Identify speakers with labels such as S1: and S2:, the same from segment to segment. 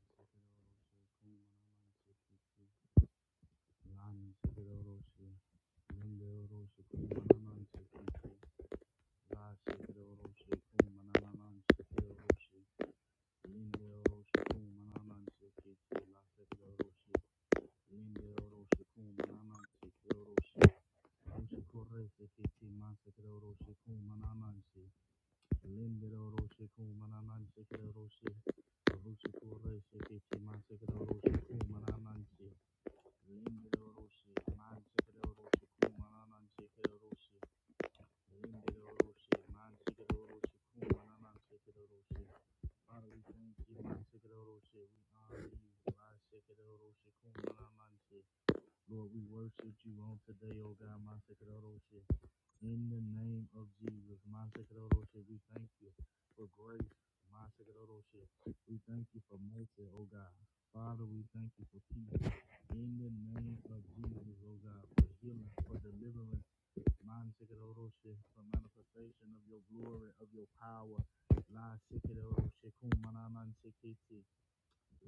S1: Sekeroroshe, Kumanamante, Kiki, Lan, Sekeroroshe, Lindeoroshe, Kumanamante, Kiki, La, Sekeroroshe, Kumanamante, Sekeroroshe, Lindeoroshe, Kumanamante, Kiki, La, Sekeroroshe, Lindeoroshe, Kumanamante, Sekeroroshe, Ushikorese, Kiki, Ma, Sekeroroshe, Kumanamante, Lindeoroshe, Kumanamante, Sekeroroshe, Rushikorese, Kiki, Ma, Sekeroroshe, Kumanamante, Lindero Roshi, Mansikero Roshi, Kumananan Sikero Roshi, Lindero Roshi, Mansikero Roshi, Kumananan Sikero Roshi. Father, we thank you, Mansikero Roshi, we honor you, Mansikero Roshi, Kumananan Si. Lord, we worship you on today, O God, my Sekadosha. In the name of Jesus, my Sekadosha, we thank you for grace, my Sekadosha. We thank you for mercy, O God. Father, we thank you for peace. In the name of Jesus, O God, for healing, for deliverance, my Sekadosha, for manifestation of your glory, of your power. La Sekadosha, Kumananan Sekiti.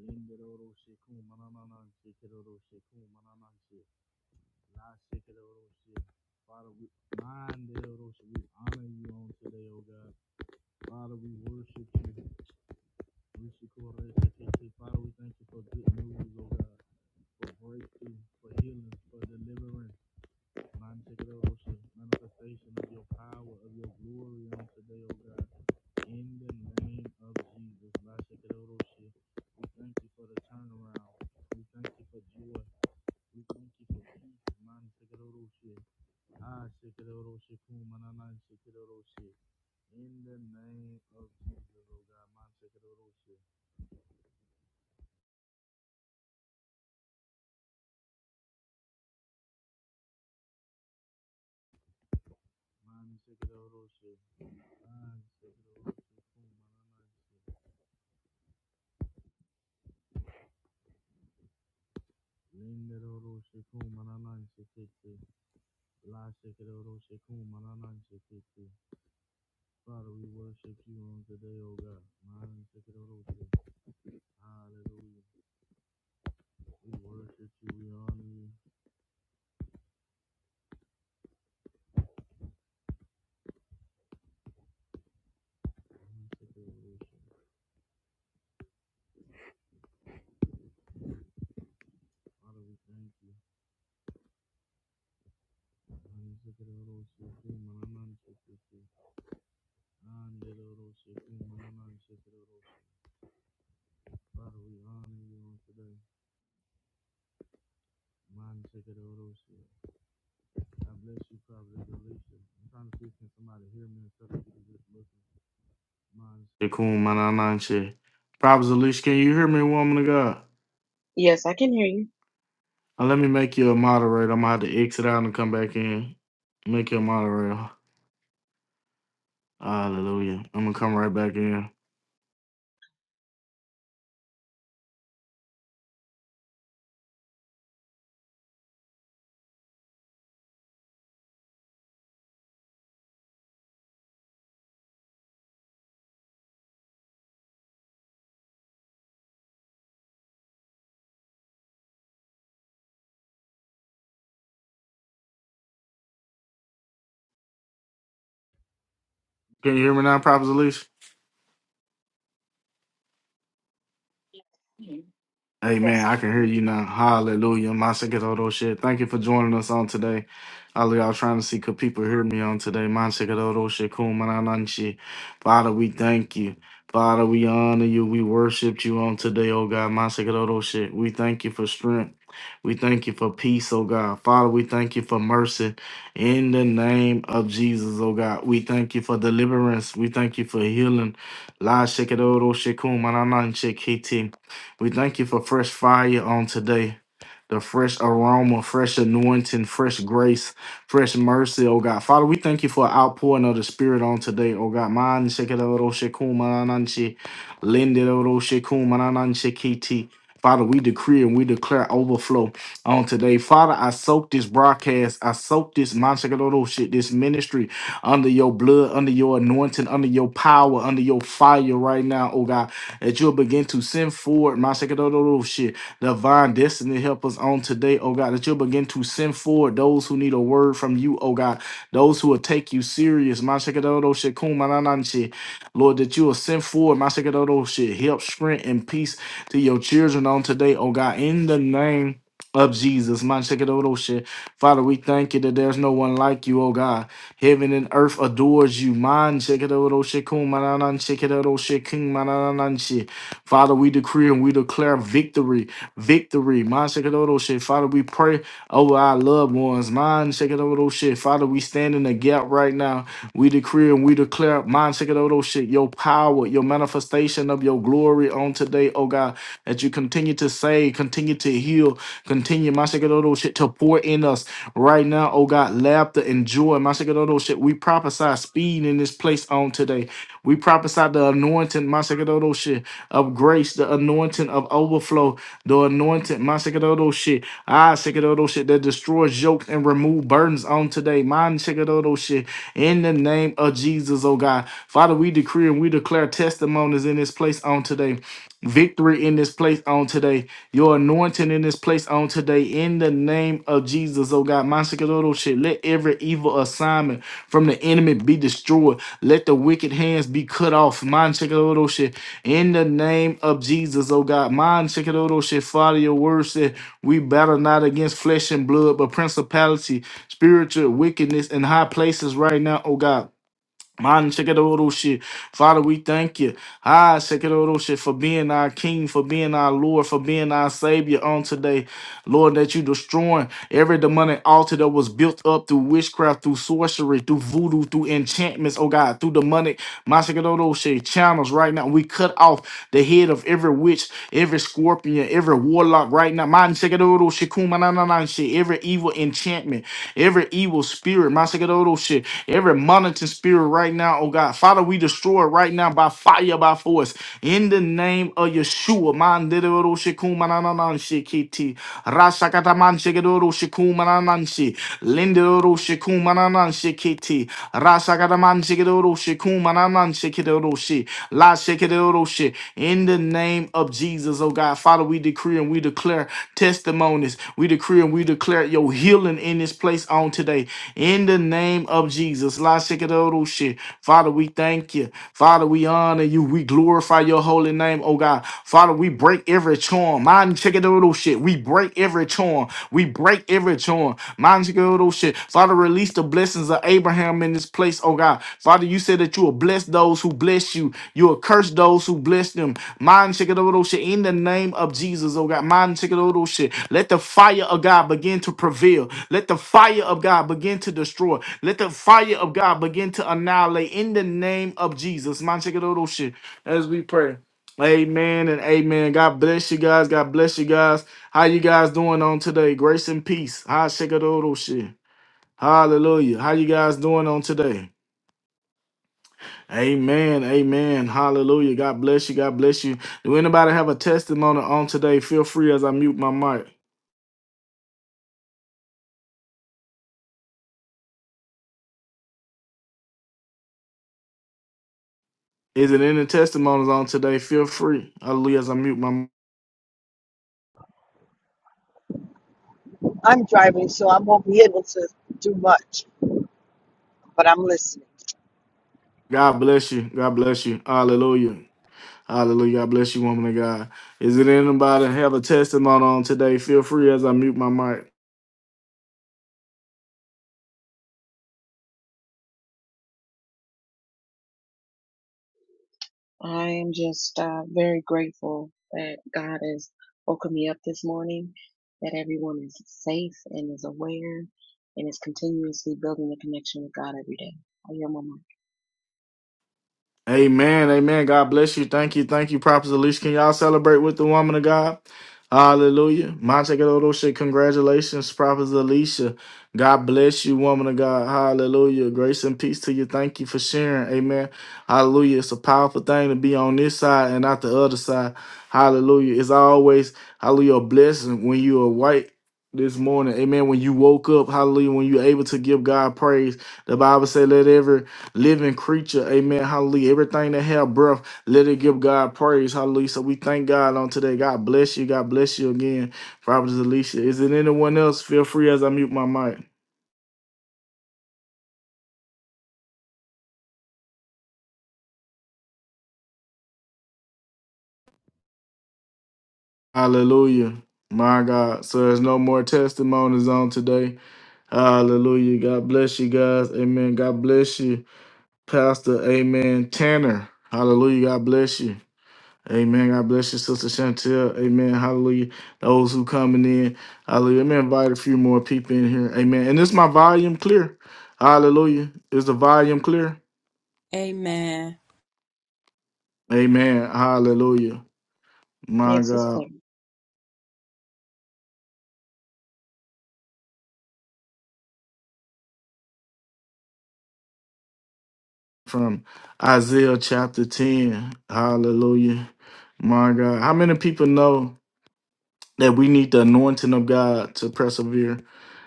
S1: Lindarosha, Kumananan Sekadosha, Kumananan Shit. Father, we mind the Lord, oh, shit. we honor you on today, oh God. Father, we worship you. We should call it Father, we thank you for good news, oh God, for breakthrough, for healing, for deliverance. Mind the Lord, oh, shit. Manifestation of your power, of your glory on today, oh God. In the name of Jesus. Mind the Lord, oh, shit. We thank you for the turnaround. We thank you for joy. We thank you for peace. Mind the Lord, oh, shit. Ah, Shikadoroshi Kumanana Shikadoroshi. In the name of Jesus, oh God, Man Shikadoroshi. Man Shikadoroshi. Man Shikadoroshi Kumanana. Lindoroshi Kumanana Shikiti. La Shikadoroshi Kumanana Shikiti. Father, we worship you on today, oh God. Man Shikadoroshi. Hallelujah. We worship you, we honor you. Man Shikadoroshi. Father, we thank you. Father, we honor you on today. Man, check it over shit. I bless you, Prophet Alicia. I'm trying to see can somebody hear me instead of people just looking. Man, Shekun Manananche. Prophet Alicia, can you hear me, woman of God?
S2: Yes, I can hear you.
S1: Uh, let me make you a moderator. I'm gonna have to exit out and come back in. Make you a moderator. Hallelujah. I'm gonna come right back in. Can you hear me now, props, Alicia?
S2: Yes,
S1: Amen.
S2: I
S1: I can
S2: can
S1: hear
S2: hear you.
S1: you now. Hallelujah. My Masikadoro shit. Thank you for joining us on today. Ali, I was trying to see could people hear me on today. Masikadoro shit. Kumanananshi. Father, we thank you. Father, we honor you. We worship you on today, oh God. Masikadoro shit. We thank you for strength. We thank you for peace, oh God. Father, we thank you for mercy. In the name of Jesus, oh God. We thank you for deliverance. We thank you for healing. La shekadoro shit. Shikadoro Shikum we thank you for fresh fire on today the fresh aroma, fresh anointing, fresh grace, fresh mercy, oh God. Father, we thank you for an outpouring of the Spirit on today, oh God. Man, shekelero shekumanananshi, lindelero shekumanananshikiti. Father, we decree and we declare overflow on today. Father, I soak this broadcast, I soak this man, shekelero shit, this ministry under your blood, under your anointing, under your power, under your fire right now, oh God, that you'll begin to send forward, my shekelero shit divine destiny help us on today, oh God, that you'll begin to send forward those who need a word from you, oh God, those who will take you serious. Mashakadodo shekum manananshi. Lord, that you will send forward, Mashakadodo shit, help, strength, and peace to your children on today, oh God, in the name of Jesus. Mashakadodo shit. Father, we thank you that there's no one like you, oh God. Heaven and earth adores you. Mashakadodo shekum manananshi, shakadodo shekum manananshi. Father, we decree and we declare victory victory. Man, Shekadoto shit. Father, we pray over our loved ones. Man, Shekadoto shit. Father, we stand in the gap right now. We decree and we declare, Man, Shekadoto shit, your power, your manifestation of your glory on today, oh God, that you continue to save, continue to heal, continue, Man, Shekadoto shit, to pour in us right now, oh God, laughter and joy. Masekadoro We prophesy speed in this place on today. We prophesy the anointing, Masekadoro shit, of grace, the anointing of overflow, the anointing, Masekadoro shit. Ah, Sekadoro shit that destroys yokes and remove burdens on today. Man, Sekadoro shit. In the name of Jesus, oh God. Father, we decree and we declare testimonies in this place on today victory in this place on today, your anointing in this place on today, in the name of Jesus, oh God. Mansikadodo shit. Let every evil assignment from the enemy be destroyed. Let the wicked hands be cut off. Mansikadodo shit. In the name of Jesus, oh God. Mansikadodo shit. Father, your word said we battle not against flesh and blood, but principality, spiritual wickedness in high places right now, oh God. Man, shikadoroshi. Father, we thank you. Ah, shikadoroshi, for being our King, for being our Lord, for being our Savior on today. Lord, that you destroying every demonic altar that was built up through witchcraft, through sorcery, through voodoo, through enchantments, oh God, through demonic Masakadodoshi channels right now. We cut off the head of every witch, every scorpion, every warlock right now. Masakadodoshi kumanananashi, Every evil enchantment, every evil spirit, Masakadodoshi, every monitoring spirit right now, oh God. Father, we destroy it right now by fire, by force. In the name of Yeshua, shikumanananshi kiti. Rasakatamanshi gedoro shikumanananshi. Lindoro shikumanananshi kiti. Rasakatamanshi gedoro shikumanananshi kedoro shi. La shekedoro shi. In the name of Jesus, oh God, Father, we decree and we declare testimonies. We decree and we declare your healing in this place on today. In the name of Jesus. La shekedoro shi. Father, we thank you. Father, we honor you. We glorify your holy name, oh God. God. Father, we break every charm. Mind check it little shit. We break every charm. We break every charm. Mind check it little shit. Father, release the blessings of Abraham in this place, oh God. Father, you said that you will bless those who bless you. You will curse those who bless them. Mind check it little shit. In the name of Jesus, oh God. Mind check it little shit. Let the fire of God begin to prevail. Let the fire of God begin to destroy. Let the fire of God begin to annihilate in the name of Jesus. Mind check it little shit. As we pray. Amen and amen. God bless you guys. God bless you guys. How you guys doing on today? Grace and peace. Hi, Shekadodo shit. Hallelujah. How you guys doing on today? Amen. Amen. Hallelujah. God bless you. God bless you. Do anybody have a testimony on today? Feel free as I mute my mic. Is it any testimonies on today? Feel free. Hallelujah. As I mute my mic.
S3: I'm driving, so I won't be able to do much, but I'm listening.
S1: God bless you. God bless you. Hallelujah. Hallelujah. God bless you, woman of God. Is it anybody have a testimony on today? Feel free as I mute my mic.
S2: I am just uh, very grateful that God has woken me up this morning, that everyone is safe and is aware and is continuously building a connection with God every day. I hear my mic.
S1: Amen. Amen. God bless you. Thank you. Thank you, Prophet Alicia. Can y'all celebrate with the woman of God? Hallelujah. Monte shit. congratulations, Prophet Alicia. God bless you, woman of God. Hallelujah. Grace and peace to you. Thank you for sharing. Amen. Hallelujah. It's a powerful thing to be on this side and not the other side. Hallelujah. It's always, hallelujah, a blessing when you are white this morning. Amen. When you woke up, hallelujah, when you're able to give God praise. The Bible said, let every living creature. Amen. Hallelujah. Everything that have breath, let it give God praise. Hallelujah. So we thank God on today. God bless you. God bless you again. Prophetess Alicia. Is it anyone else? Feel free as I mute my mic. Hallelujah. My God. So there's no more testimonies on today. Hallelujah. God bless you guys. Amen. God bless you. Pastor. Amen. Tanner. Hallelujah. God bless you. Amen. God bless you, Sister Chantel. Amen. Hallelujah. Those who coming in. Hallelujah. Let me invite a few more people in here. Amen. And is my volume clear? Hallelujah. Is the volume clear?
S4: Amen.
S1: Amen. Hallelujah. My
S2: Yes, it's
S1: God.
S2: clear.
S1: From Isaiah chapter 10. Hallelujah. My God. How many people know that we need the anointing of God to persevere?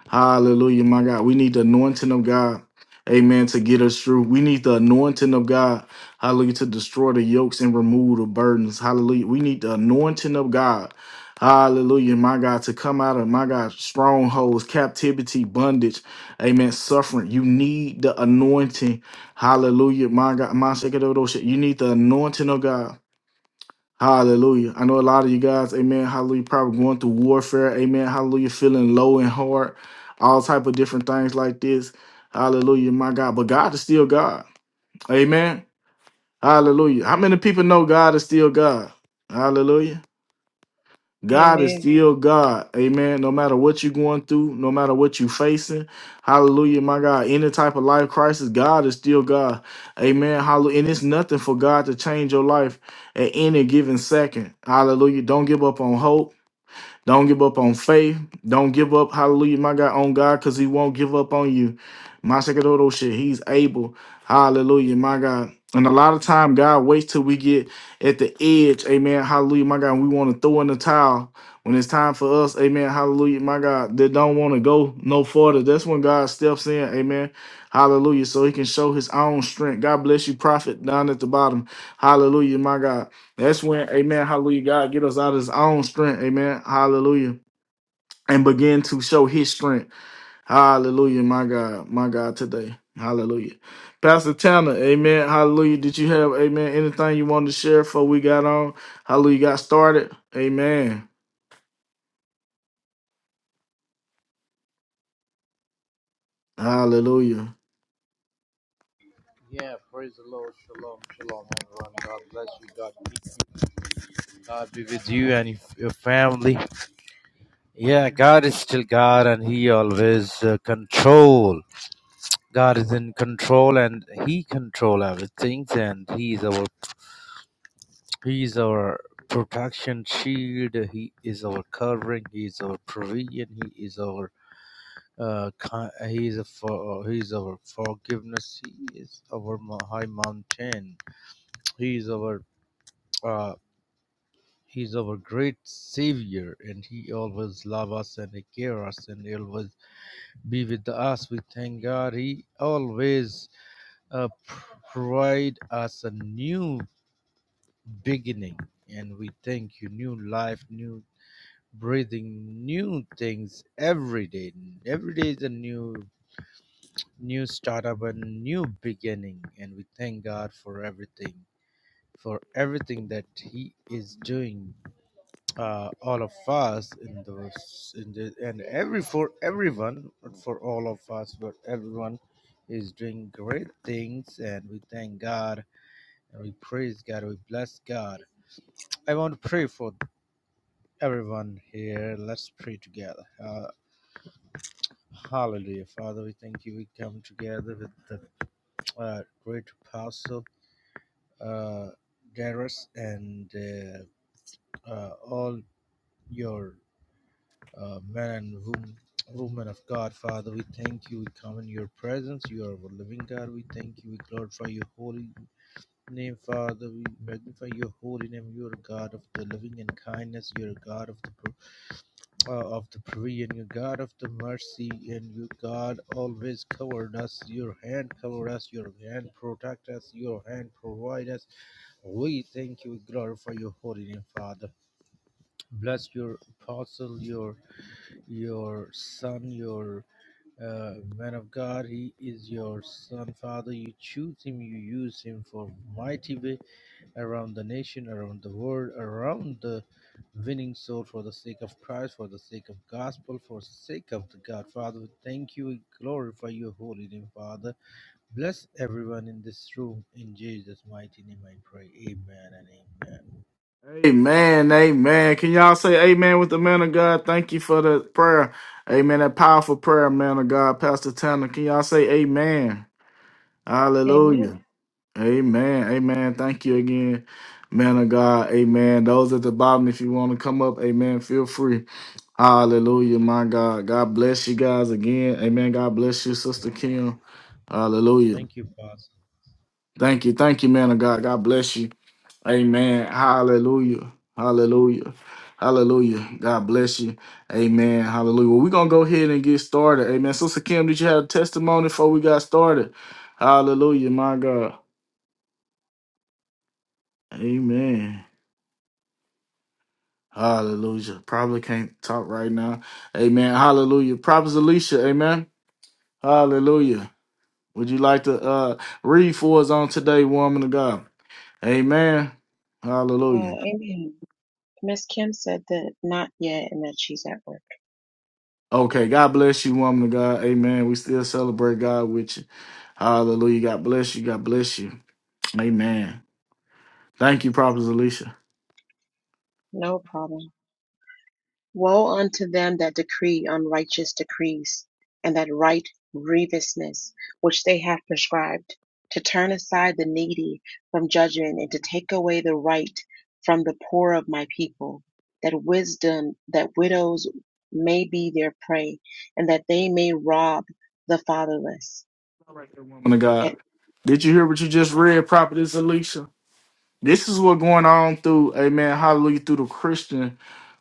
S1: Hallelujah, my God. We need the anointing of God. Amen. To get us through, we need the anointing of God. Hallelujah. To destroy the yokes and remove the burdens. Hallelujah. We need the anointing of God. Hallelujah, my God, to come out of my God, strongholds, captivity, bondage, amen, suffering. You need the anointing. Hallelujah, my God, my second You need the anointing of God. Hallelujah. I know a lot of you guys, amen, hallelujah, probably going through warfare, amen, hallelujah, feeling low and hard, all type of different things like this. Hallelujah, my God. But God is still God. Amen. Hallelujah. How many people know God is still God? Hallelujah. God is
S2: Amen.
S1: still God. Amen. No matter what you're going through, no matter what you're facing, hallelujah, my God. Any type of life crisis, God is still God. Amen. Hallelujah. And it's nothing for God to change your life at any given second. Hallelujah. Don't give up on hope. Don't give up on faith. Don't give up, hallelujah, my God, on God, because he won't give up on you. My second shit, he's able. Hallelujah, my God. And a lot of time, God waits till we get at the edge. Amen. Hallelujah, my God. and We want to throw in the towel when it's time for us. Amen. Hallelujah, my God. That don't want to go no further. That's when God steps in. Amen. Hallelujah. So he can show his own strength. God bless you, prophet, down at the bottom. Hallelujah, my God. That's when, amen, hallelujah, God get us out of his own strength, amen, hallelujah, and begin to show his strength. Hallelujah, my God, my God, today. Hallelujah. Pastor Tanner, amen, hallelujah. Did you have, amen, anything you wanted to share before we got on? Hallelujah, got started? Amen, hallelujah.
S5: Yeah, praise the Lord. Shalom, shalom, everyone. God bless you. God keep you. God be with you and your your family. Yeah, God is still God, and He always uh, control. God is in control, and He control everything. And He is our He is our protection shield. He is our covering. He is our provision. He is our uh, ki- He is a for, uh, He is our forgiveness. He is our mo- high mountain. He is our uh, He's our great savior, and he always loves us and he cares us and he always be with us. We thank God. He always uh, provide us a new beginning, and we thank you, new life, new breathing, new things every day. Every day is a new new startup, a new beginning, and we thank God for everything, for everything that He is doing uh, all of us in those in the, and every for everyone but for all of us but everyone is doing great things and we thank god and we praise god we bless god i want to pray for everyone here let's pray together uh, hallelujah father we thank you we come together with the uh, great apostle uh Darius and uh, uh, all your uh, men and wom- women of God. Father, we thank you. We come in your presence. You are our living God. We thank you. We glorify your holy name, Father. We magnify your holy name. You are God of the living and kindness. You are God of the pro- uh, of the provision. You are God of the mercy, and you God always covered us. Your hand covered us. Your hand protect us. Your hand provide us. We thank you. We glorify your holy name, Father. Bless your apostle, your your son, your uh, man of God, he is your son, Father. You choose him, you use him for mighty way around the nation, around the world, around the winning soul for the sake of Christ, for the sake of gospel, for sake of the God. Father, we thank you. We glorify your holy name, Father. Bless everyone in this room. In Jesus' mighty name I pray. Amen and amen.
S1: Amen, amen. Can y'all say amen with the man of God? Thank you for the prayer. Amen, that powerful prayer, man of God, Pastor Tanner. Can y'all say amen? Hallelujah.
S2: Amen.
S1: Amen. Amen. Thank you again, man of God. Amen. Those at the bottom, if you want to come up, amen, feel free. Hallelujah, my God. God bless you guys again. Amen. God bless you, Sister Kim. Hallelujah.
S5: Thank you, Pastor.
S1: Thank you. Thank you, man of God. God bless you. Amen. Hallelujah. Hallelujah. Hallelujah. God bless you. Amen. Hallelujah. Well, we're going to go ahead and get started. Amen. Sister Kim, did you have a testimony before we got started? Hallelujah, my God. Amen. Hallelujah. Probably can't talk right now. Amen. Hallelujah. Prophet Alicia, amen. Hallelujah. Would you like to uh read for us on today, woman of God? Amen.
S2: Uh,
S1: Hallelujah.
S2: amen. Miss Kim said that not yet and that she's at work.
S1: Okay, God bless you, woman of God. Amen. We still celebrate God with you. Hallelujah. God bless you. God bless you. Amen. Thank you, Prophet Alicia.
S2: No problem. Woe unto them that decree unrighteous decrees, and that write grievousness which they have prescribed, to turn aside the needy from judgment, and to take away the right from the poor of my people, that wisdom, that widows may be their prey, and that they may rob the fatherless.
S1: All right, there, woman of God.
S2: And,
S1: Did you hear what you just read, Prophetess Alicia? This is what's going on through, amen, hallelujah, through the Christian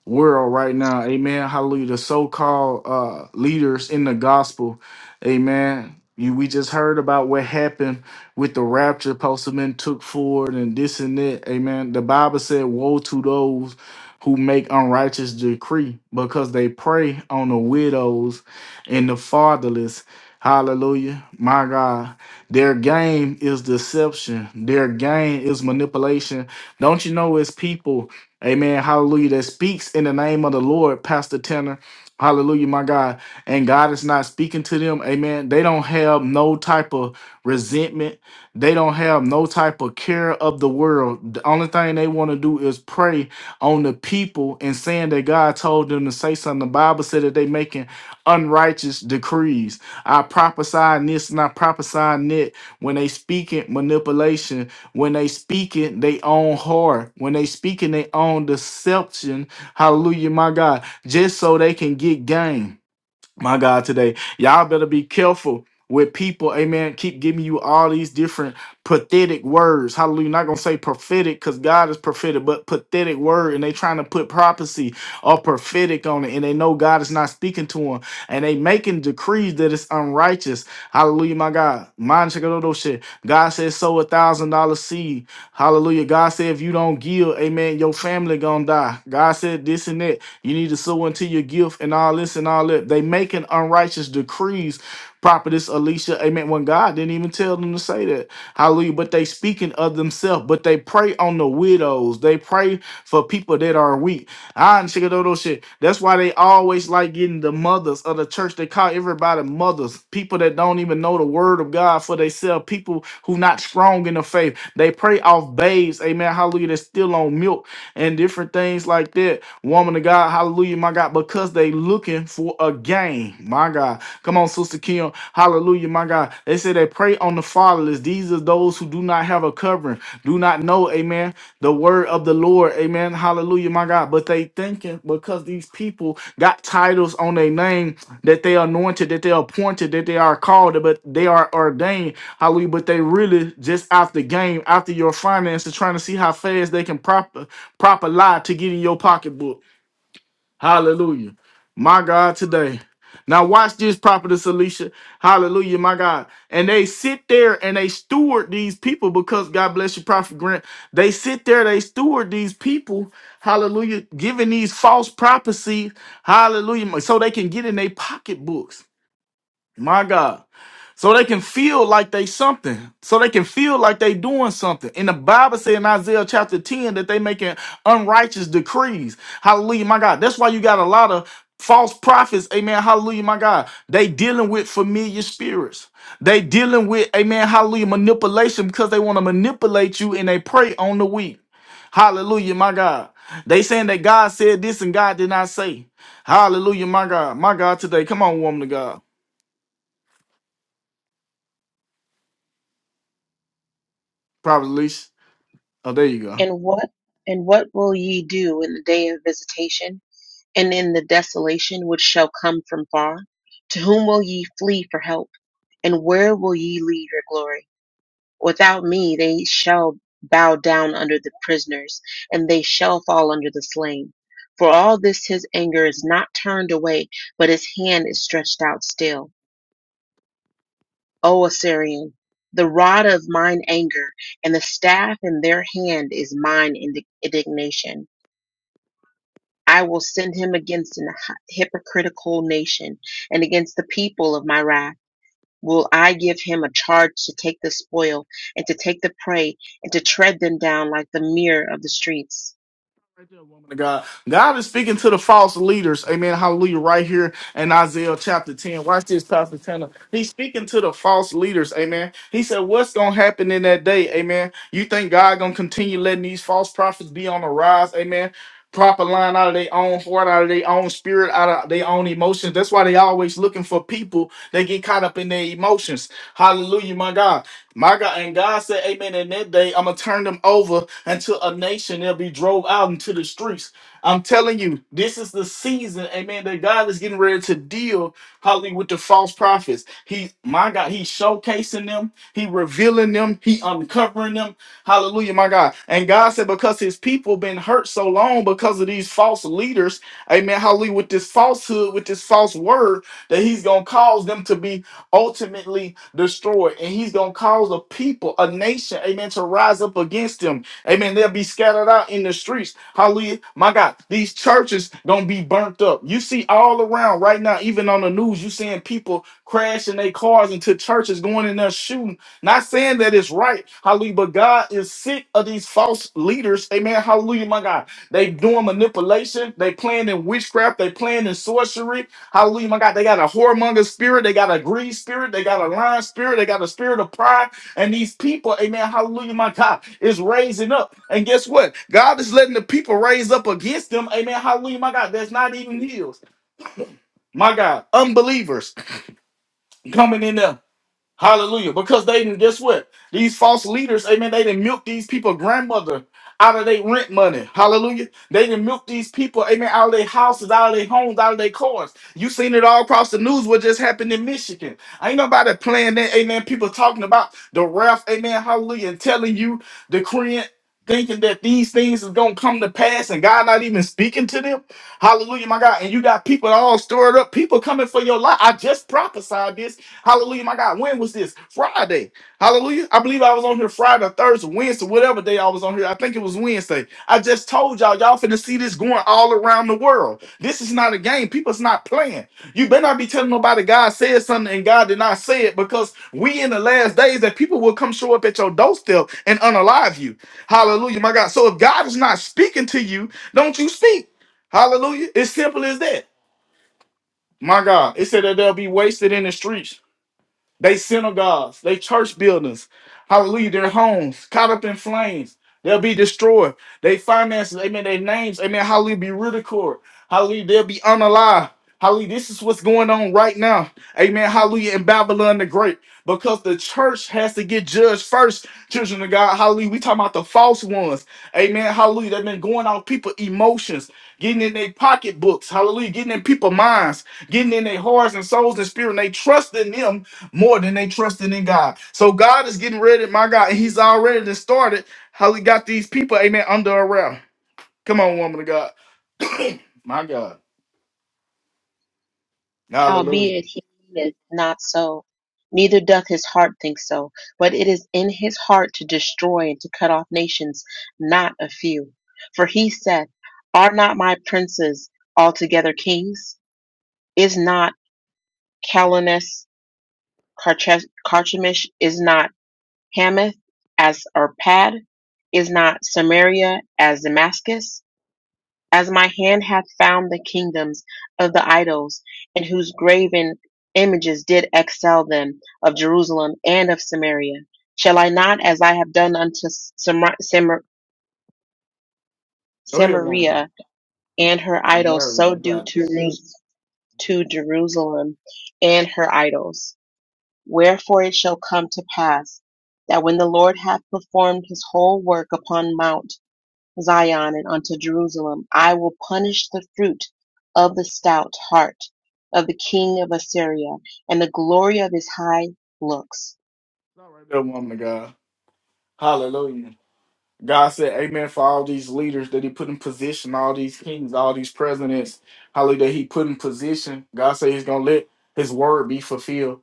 S1: world right now. Amen. Hallelujah. The so-called uh, leaders in the gospel. Amen. You, we just heard about what happened with the rapture. Postman took forward and this and that. Amen. The Bible said, "Woe to those who make unrighteous decree, because they prey on the widows and the fatherless." Hallelujah. My God. Their game is deception. Their game is manipulation. Don't you know it's people Amen. Hallelujah. That speaks in the name of the Lord, Pastor Tanner. Hallelujah, my God. And God is not speaking to them. Amen. They don't have no type of resentment. They don't have no type of care of the world. The only thing they want to do is pray on the people and saying that God told them to say something. The Bible said that they making unrighteous decrees. I prophesy this and I prophesy that when they speaking manipulation when they speak it, they own horror. When they speak it, they own deception. Hallelujah, my God. Just so they can get gain my God, today. Y'all better be careful with people. Amen. Keep giving you all these different pathetic words. Hallelujah. Not gonna say prophetic because God is prophetic, but pathetic word. And they trying to put prophecy or prophetic on it. And they know God is not speaking to them. And they making decrees that it's unrighteous. Hallelujah, my God. Mind check out those shit. God says sow a thousand dollar seed. Hallelujah. God said if you don't give, amen, your family gonna die. God said this and that. You need to sow into your gift and all this and all that. They making unrighteous decrees. Prophetess Alicia, amen. When God didn't even tell them to say that. Hallelujah. But they speaking of themselves, but they pray on the widows. They pray for people that are weak. I and those shit. That's why they always like getting the mothers of the church. They call everybody mothers. People that don't even know the word of God for themselves. People who not strong in the faith. They pray off babes. Amen. Hallelujah. That's still on milk and different things like that. Woman of God. Hallelujah. My God. Because they looking for a gain. My God. Come on, Sister Kim. Hallelujah. My God. They say they pray prey on the fatherless. These are those who do not have a covering, do not know, amen, the word of the Lord, amen. Hallelujah, my God. But they thinking because these people got titles on their name that they anointed, that they appointed, that they are called, but they are ordained. Hallelujah. But they really just after game, after your finances, trying to see how fast they can prop prop a lie to get in your pocketbook. Hallelujah. My God, today. Now watch this, prophetess Alicia. Hallelujah, my God. And they sit there and they steward these people because God bless you, Prophet Grant. They sit there, they steward these people, hallelujah, giving these false prophecies, hallelujah, so they can get in their pocketbooks. My God. So they can feel like they something. So they can feel like they doing something. And the Bible said in Isaiah chapter 10 that they making unrighteous decrees. Hallelujah, my God. That's why you got a lot of false prophets. Amen. Hallelujah, my God. They dealing with familiar spirits. They dealing with, amen, hallelujah, manipulation because they want to manipulate you and they prey on the weak. Hallelujah, my God. They saying that God said this and God did not say. Hallelujah, my God. My God today. Come on, woman of God. Probably least. Oh, there you go.
S2: and what and what will ye do in the day of visitation, and in the desolation which shall come from far? To whom will ye flee for help? And where will ye leave your glory? Without me they shall bow down under the prisoners, and they shall fall under the slain. For all this his anger is not turned away, but his hand is stretched out still. O Assyrian, the rod of mine anger, and the staff in their hand is mine indi- indignation. I will send him against an hy- hypocritical nation, and against the people of my wrath. will I give him a charge to take the spoil and to take the prey and to tread them down like the mere of the streets.
S1: God. God is speaking to the false leaders. Amen. Hallelujah. Right here in Isaiah chapter 10. Watch this, Pastor Tanner. He's speaking to the false leaders. Amen. He said, What's gonna happen in that day? Amen. You think God gonna continue letting these false prophets be on the rise? Amen. Proper line out of their own heart, out of their own spirit, out of their own emotions. That's why they always looking for people. They get caught up in their emotions. Hallelujah, my God. My God, and God said, Amen. In that day, I'm gonna turn them over unto a nation. They'll be drove out into the streets. I'm telling you, this is the season, Amen. That God is getting ready to deal, hallelujah, with the false prophets. He, my God, He's showcasing them. He revealing them. He uncovering them. Hallelujah, my God. And God said, because His people been hurt so long because of these false leaders, Amen. Hallelujah, with this falsehood, with this false word, that He's gonna cause them to be ultimately destroyed. And he's going to cause a people, a nation, amen, to rise up against him. Amen. They'll be scattered out in the streets. Hallelujah. My God, these churches going to be burnt up. You see all around right now, even on the news, you seeing people crashing their cars into churches, going in there shooting. Not saying that it's right. Hallelujah. But God is sick of these false leaders. Amen. Hallelujah. My God. They doing manipulation. They playing in witchcraft. They playing in sorcery. Hallelujah, my God. They got a whoremonger spirit. They got a greed spirit. They got a lying spirit. They got a spirit of pride. And these people, amen, hallelujah, my God, is raising up. And guess what? God is letting the people raise up against them. Amen, hallelujah, my God. That's not even heels. My God, unbelievers coming in there. Hallelujah. Because they didn't guess what? These false leaders, amen, they didn't milk these people grandmother out of their rent money. Hallelujah. They didn't milk these people, amen, out of their houses, out of their homes, out of their cars. You seen it all across the news what just happened in Michigan. Ain't nobody playing that, amen. People talking about the wrath, amen, hallelujah, and telling you, decreeing, thinking that these things is gonna come to pass and God not even speaking to them. Hallelujah, my God. And you got people all stirred up, people coming for your life. I just prophesied this Hallelujah, my God. When was this? Friday. Hallelujah. I believe I was on here Friday, or Thursday, Wednesday, whatever day I was on here. I think it was Wednesday. I just told y'all, y'all finna see this going all around the world. This is not a game. People's not playing. You better not be telling nobody God said something and God did not say it because we in the last days that people will come show up at your doorstep and unalive you. Hallelujah, my God. So if God is not speaking to you, don't you speak. Hallelujah. It's simple as that. My God. It said that they'll be wasted in the streets. They synagogues, they church buildings, hallelujah, their homes caught up in flames. They'll be destroyed. They finances, amen, their names, amen, hallelujah, be ridiculed. Hallelujah, they'll be unalive. Hallelujah, this is what's going on right now. Amen, hallelujah, in Babylon the Great. Because the church has to get judged first, children of God. Hallelujah, we talking about the false ones. Amen, hallelujah, they've been going on people's emotions, getting in their pocketbooks. Hallelujah, getting in people's minds, getting in their hearts and souls and spirit. And they trust in them more than they trusting in God. So God is getting ready, my God, and He's already just started how He got these people, amen, under a wrap. Come on, woman of God. My God. Hallelujah.
S2: Howbeit he meaneth not so, neither doth his heart think so, but it is in his heart to destroy and to cut off nations, not a few. For he saith, Are not my princes altogether kings? Is not Calonus Carchemish? Is not Hamath as Arpad? Is not Samaria as Damascus? As my hand hath found the kingdoms of the idols, in whose graven images did excel them of Jerusalem and of Samaria. Shall I not, as I have done unto Samar- Samar-
S1: Go ahead, woman.
S2: Samaria and her
S1: It's
S2: idols,
S1: Mary.
S2: so
S1: You
S2: do
S1: got it.
S2: to, Ru- to Jerusalem and her idols? Wherefore it shall come to pass that when the Lord hath performed his whole work upon Mount Zion and unto Jerusalem. I will punish the fruit of the stout heart of the king of Assyria and the glory of his high looks.
S1: It's all right there, woman of God. Hallelujah. God said, Amen for all these leaders that He put in position, all these kings, all these presidents, hallelujah, that He put in position. God said He's going to let His word be fulfilled.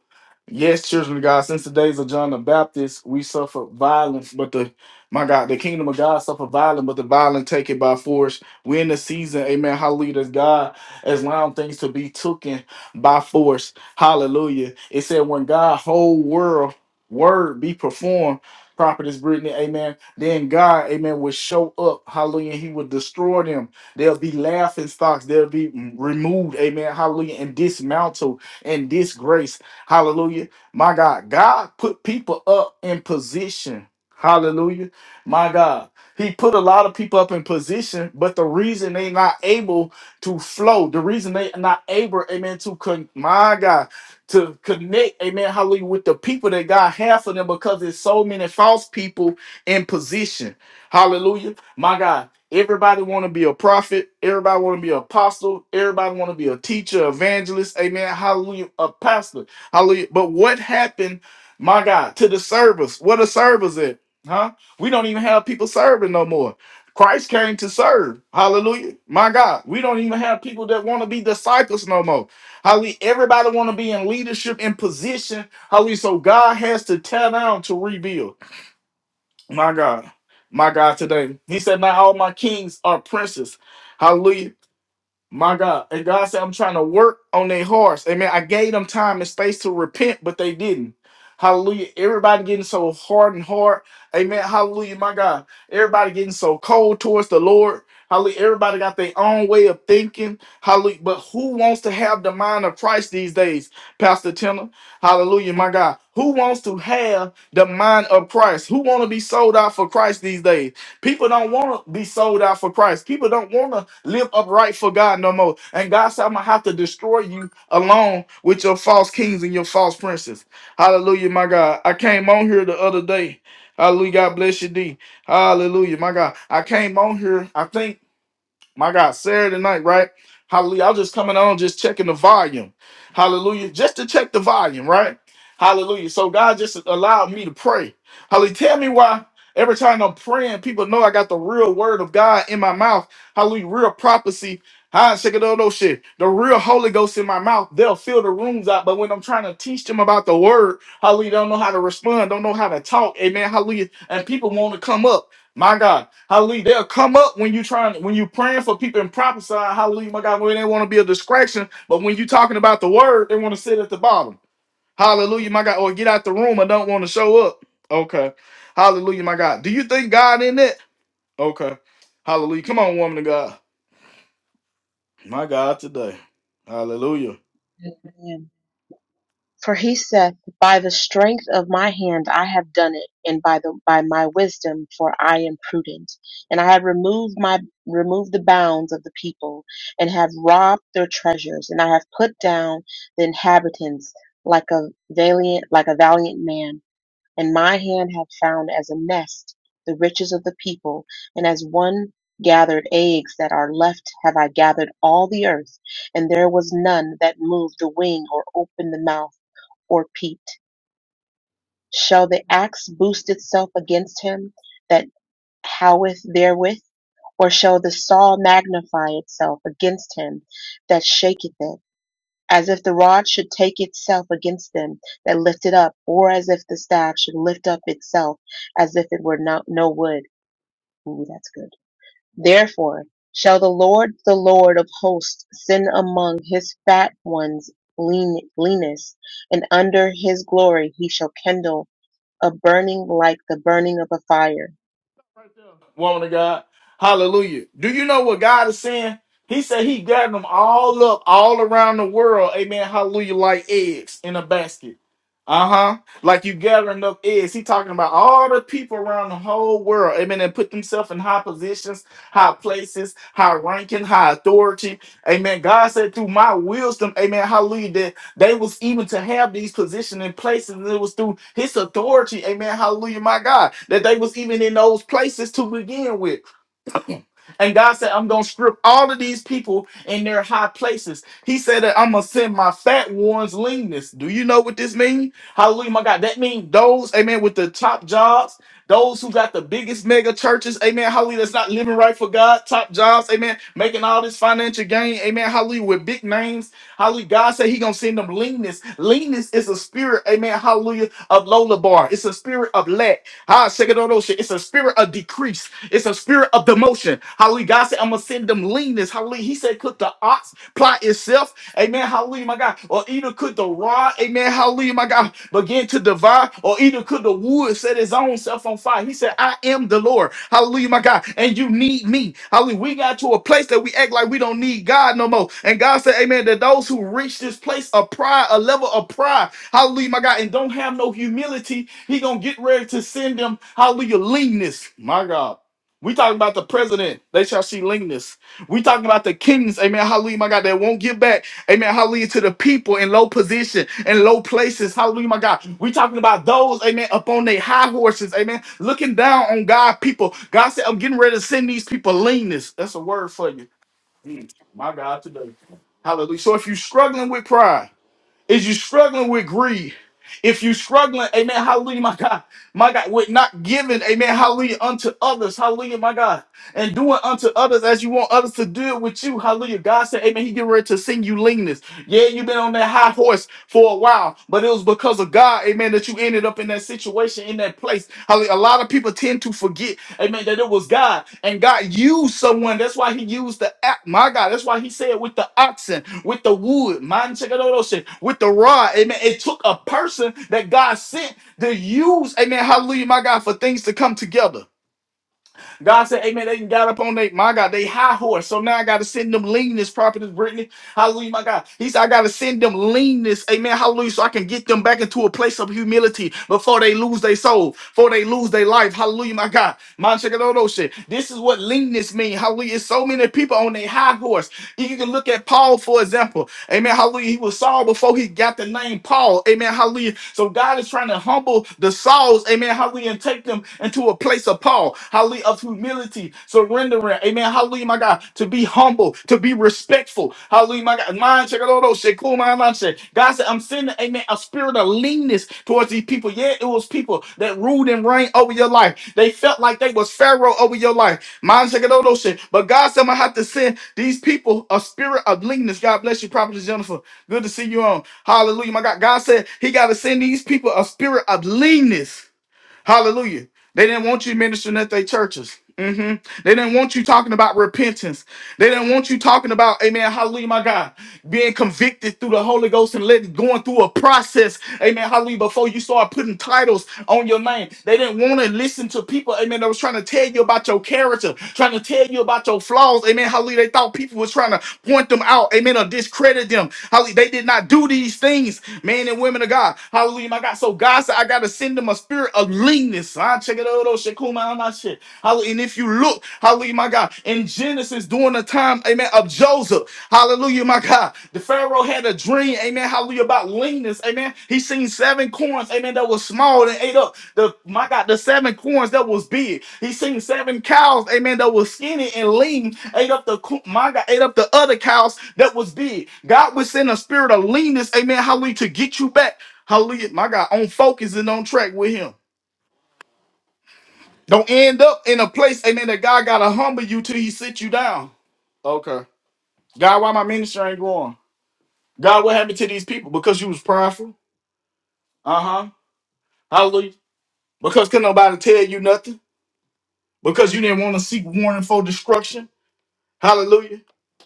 S1: Yes, children of God, since the days of John the Baptist, we suffer violence, but the my God, the kingdom of God suffer violence, but the violent take it by force. We're in the season, amen. Hallelujah. that God has allowed things to be taken by force. Hallelujah. It said, when God whole world word be performed, prophetess Brittany, amen then God, amen, will show up. Hallelujah. He will destroy them. They'll be laughing stocks. They'll be mm, removed. Amen. Hallelujah. And dismantled and disgrace. Hallelujah. My God. God put people up in position. Hallelujah. My God. He put a lot of people up in position, but the reason they not able to flow, the reason they not able, amen, to con- my God, to connect, amen, hallelujah, with the people that God has for them because there's so many false people in position. Hallelujah. My God, everybody want to be a prophet. Everybody want to be an apostle. Everybody want to be a teacher, evangelist. Amen. Hallelujah. A pastor. Hallelujah. But what happened, my God, to the servers? What are servers at? Huh? We don't even have people serving no more. Christ came to serve. Hallelujah. My God, we don't even have people that want to be disciples no more. Hallelujah. Everybody want to be in leadership in position. Hallelujah. So God has to tear down to rebuild. My God. My God today. He said, Not all my kings are princes. Hallelujah. My God. And God said, I'm trying to work on their hearts. Amen. I gave them time and space to repent, but they didn't. Hallelujah. Everybody getting so hard and hard. Amen. Hallelujah. My God. Everybody getting so cold towards the Lord. Hallelujah. Everybody got their own way of thinking. Hallelujah. But who wants to have the mind of Christ these days, Pastor Tenor? Hallelujah. My God. Who wants to have the mind of Christ? Who want to be sold out for Christ these days? People don't want to be sold out for Christ. People don't want to live upright for God no more. And God said, I'm going to have to destroy you along with your false kings and your false princes. Hallelujah, my God. I came on here the other day. Hallelujah. God bless you, D. Hallelujah, my God. I came on here, I think my God, Saturday night, right? Hallelujah. I was just coming on, just checking the volume. Hallelujah. Just to check the volume, right? Hallelujah. So God just allowed me to pray. Hallelujah. Tell me why every time I'm praying, people know I got the real word of God in my mouth. Hallelujah. Real prophecy. I shake it all those shit. The real Holy Ghost in my mouth. They'll fill the rooms out. But when I'm trying to teach them about the word, hallelujah, don't know how to respond, don't know how to talk. Amen. Hallelujah. And people want to come up. My God. Hallelujah. They'll come up when you trying when you praying for people and prophesying. Hallelujah, my God. When they want to be a distraction, but when you talking about the word, they want to sit at the bottom. Hallelujah, my God. Or get out the room. I don't want to show up. Okay. Hallelujah, my God. Do you think God in it? Okay. Hallelujah. Come on, woman of God. My God, today. Hallelujah.
S2: Amen. For he saith, By the strength of my hand I have done it, and by the by my wisdom, for I am prudent, and I have removed my removed the bounds of the people, and have robbed their treasures, and I have put down the inhabitants like a valiant like a valiant man. and my hand hath found as a nest the riches of the people, and as one gathered eggs that are left have I gathered all the earth, and there was none that moved the wing or opened the mouth or peeped. Shall the axe boost itself against him that howeth therewith? Or shall the saw magnify itself against him that shaketh it? as if the rod should take itself against them that lift it up, or as if the staff should lift up itself as if it were not no wood. Ooh, that's good. Therefore shall the Lord, the Lord of hosts, send among his fat ones lean, leanness, and under his glory he shall kindle a burning like the burning of a fire.
S1: woman of God. Hallelujah. Do you know what God is saying? He said he gathered them all up all around the world. Amen. Hallelujah. Like eggs in a basket. Uh-huh. Like you gathering up eggs. He talking about all the people around the whole world. Amen. And put themselves in high positions, high places, high ranking, high authority. Amen. God said through my wisdom, amen. Hallelujah. They was even to have these positions in places, and it was through his authority, amen, hallelujah, my God, that they was even in those places to begin with. And God said, I'm going to strip all of these people in their high places. He said that I'm going to send my fat ones leanness. Do you know what this means? Hallelujah, my God. That means those, amen, with the top jobs, those who got the biggest mega churches, amen, hallelujah, that's not living right for God, top jobs, amen, making all this financial gain, amen, hallelujah, with big names. Hallelujah. God said he going to send them leanness. Leanness is a spirit, amen, hallelujah, of Lola Bar. It's a spirit of lack. Ah, shake it on those shit. It's a spirit of decrease. It's a spirit of demotion. Hallelujah. God said, I'm going to send them leanness. Hallelujah. He said, could the ox plot itself? Amen. Hallelujah, my God. Or either could the rod, amen. Hallelujah, my God, begin to divide. Or either could the wood set his own self on fire. He said, I am the Lord. Hallelujah, my God. And you need me. Hallelujah. We got to a place that we act like we don't need God no more. And God said, amen, that those who reach this place of pride, a level of pride, hallelujah, my God, and don't have no humility, he going to get ready to send them, hallelujah, leanness. My God. We talking about the president. They shall see leanness. We talking about the kings. Amen. Hallelujah, my God. That won't give back. Amen. Hallelujah to the people in low position and low places. Hallelujah, my God. We talking about those. Amen. Up on their high horses. Amen. Looking down on God people. God said, I'm getting ready to send these people leanness. That's a word for you. Mm, My God, today. Hallelujah. So if you're struggling with pride. Is you struggling with greed? If you struggling, amen, hallelujah, my God, my God, with not giving, amen, hallelujah, unto others, hallelujah, my God, and doing unto others as you want others to do it with you, hallelujah. God said, amen, he get ready to sing you leanness. Yeah, you've been on that high horse for a while, but it was because of God, amen, that you ended up in that situation, in that place. Hallelujah. A lot of people tend to forget. Amen. That it was God. And God used someone. That's why he used the act. My God. That's why he said with the oxen, with the wood, man, check it out, oh, shit, with the rod. Amen. It took a person that God sent to use, amen. Hallelujah, my God, for things to come together. God said, Amen. They done got up on they, my God, they high horse. So now I got to send them leanness, prophetess Brittany. Hallelujah, my God. He said, I got to send them leanness. Amen. Hallelujah. So I can get them back into a place of humility before they lose their soul, before they lose their life. Hallelujah, my God. Man, check it out, those shit. This is what leanness means. Hallelujah. It's so many people on their high horse. You can look at Paul, for example. Amen. Hallelujah. He was Saul before he got the name Paul. Amen. Hallelujah. So God is trying to humble the Sauls. Amen. Hallelujah. And take them into a place of Paul. Hallelujah. Of humility, surrendering. Amen. Hallelujah, my God. To be humble, to be respectful. Hallelujah, my God. Mind check it out cool my mind, shit. God said, I'm sending, amen, a spirit of leanness towards these people. Yeah, it was people that ruled and reigned over your life. They felt like they was Pharaoh over your life. Mind shit, all those shit. But God said, I'm going to have to send these people a spirit of leanness. God bless you, Prophet Jennifer. Good to see you on. Hallelujah. My God. God said he got to send these people a spirit of leanness. Hallelujah. They didn't want you ministering at their churches. Mhm. They didn't want you talking about repentance. They don't want you talking about, amen, hallelujah, my God, being convicted through the Holy Ghost and letting going through a process, amen, hallelujah, before you start putting titles on your name. They didn't want to listen to people, amen, that was trying to tell you about your character, trying to tell you about your flaws, amen, hallelujah. They thought people was trying to point them out, amen, or discredit them. Hallelujah. They did not do these things, men and women of God. Hallelujah, my God. So God said, I got to send them a spirit of leanness. I check it out. Shekuma Amashe. Hallelujah. And if you look, hallelujah, my God, in Genesis during the time, amen, of Joseph, hallelujah, my God, the Pharaoh had a dream, amen, hallelujah, about leanness, amen. He seen seven corns, amen, that was small and ate up the, my God, the seven corns that was big. He seen seven cows, amen, that was skinny and lean, ate up the, co- my God, ate up the other cows that was big. God would send a spirit of leanness, amen, hallelujah, to get you back, hallelujah, my God, on focus and on track with Him. Don't end up in a place, amen, that God gotta humble you till he sit you down. Okay. God, why my ministry ain't growing? God, what happened to these people? Because you was prideful. Uh-huh. Hallelujah. Because couldn't nobody tell you nothing. Because you didn't want to seek warning for destruction. Hallelujah.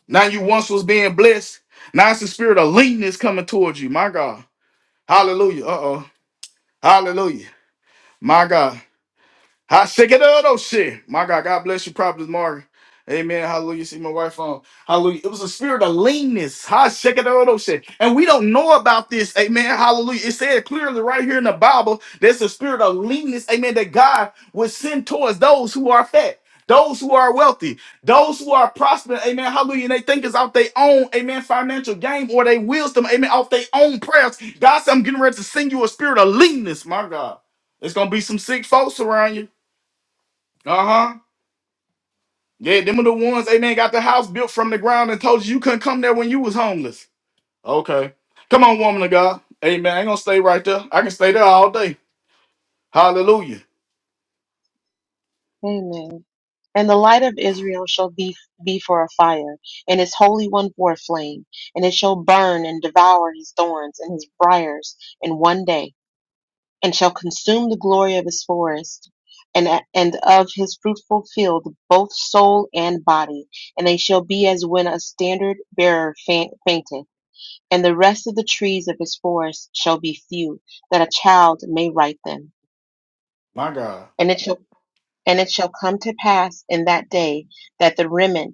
S1: Now you once was being blessed. Now it's the spirit of leanness coming towards you. My God. Hallelujah. Uh-oh. Hallelujah. My God. Hot shit, get out of shit. My God, God bless you, Prophet Mark. Amen. Hallelujah. See my wife on. Hallelujah. It was a spirit of leanness. Hot shit, get out of shit. And we don't know about this. Amen. Hallelujah. It said clearly right here in the Bible, there's a spirit of leanness. Amen. That God would send towards those who are fat. Those who are wealthy, those who are prospering, amen, hallelujah, and they think it's out their own, amen, financial game or they wisdom, amen, off their own prayers. God said, I'm getting ready to send you a spirit of leanness, my God. It's gonna be some sick folks around you. Uh huh. Yeah, them are the ones they done got the house built from the ground and told you you couldn't come there when you was homeless. Okay. Come on, woman of God. Amen. I ain't gonna stay right there. I can stay there all day. Hallelujah.
S2: Amen. And the light of Israel shall be, be for a fire, and his holy one for a flame, and it shall burn and devour his thorns and his briars in one day. and shall consume the glory of his forest and, and of his fruitful field, both soul and body. And they shall be as when a standard bearer fainteth. And the rest of the trees of his forest shall be few, that a child may write them.
S1: My God.
S2: And it shall, and it shall come to pass in that day that the remnant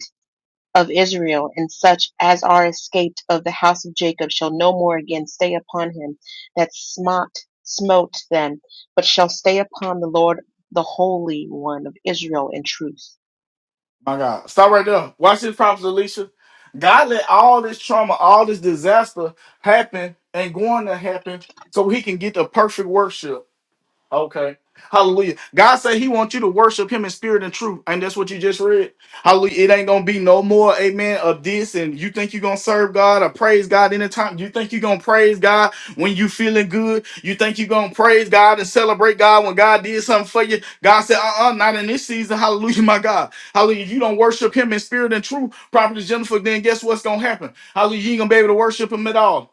S2: of Israel, and such as are escaped of the house of Jacob shall no more again stay upon him that smote smote them, but shall stay upon the Lord the Holy One of Israel in truth.
S1: My God. Stop right there. Watch this, Prophet Alicia. God let all this trauma, all this disaster happen and going to happen so he can get the perfect worship. Okay. Hallelujah. God said he wants you to worship him in spirit and truth. And that's what you just read. Hallelujah. It ain't gonna be no more, amen, of this. And you think you're gonna serve God or praise God anytime. You think you're gonna praise God when you feeling good. You think you're gonna praise God and celebrate God when God did something for you. God said, uh-uh, not in this season. Hallelujah, my God. Hallelujah. If you don't worship him in spirit and truth, Prophet Jennifer, then guess what's gonna happen? Hallelujah, you ain't gonna be able to worship him at all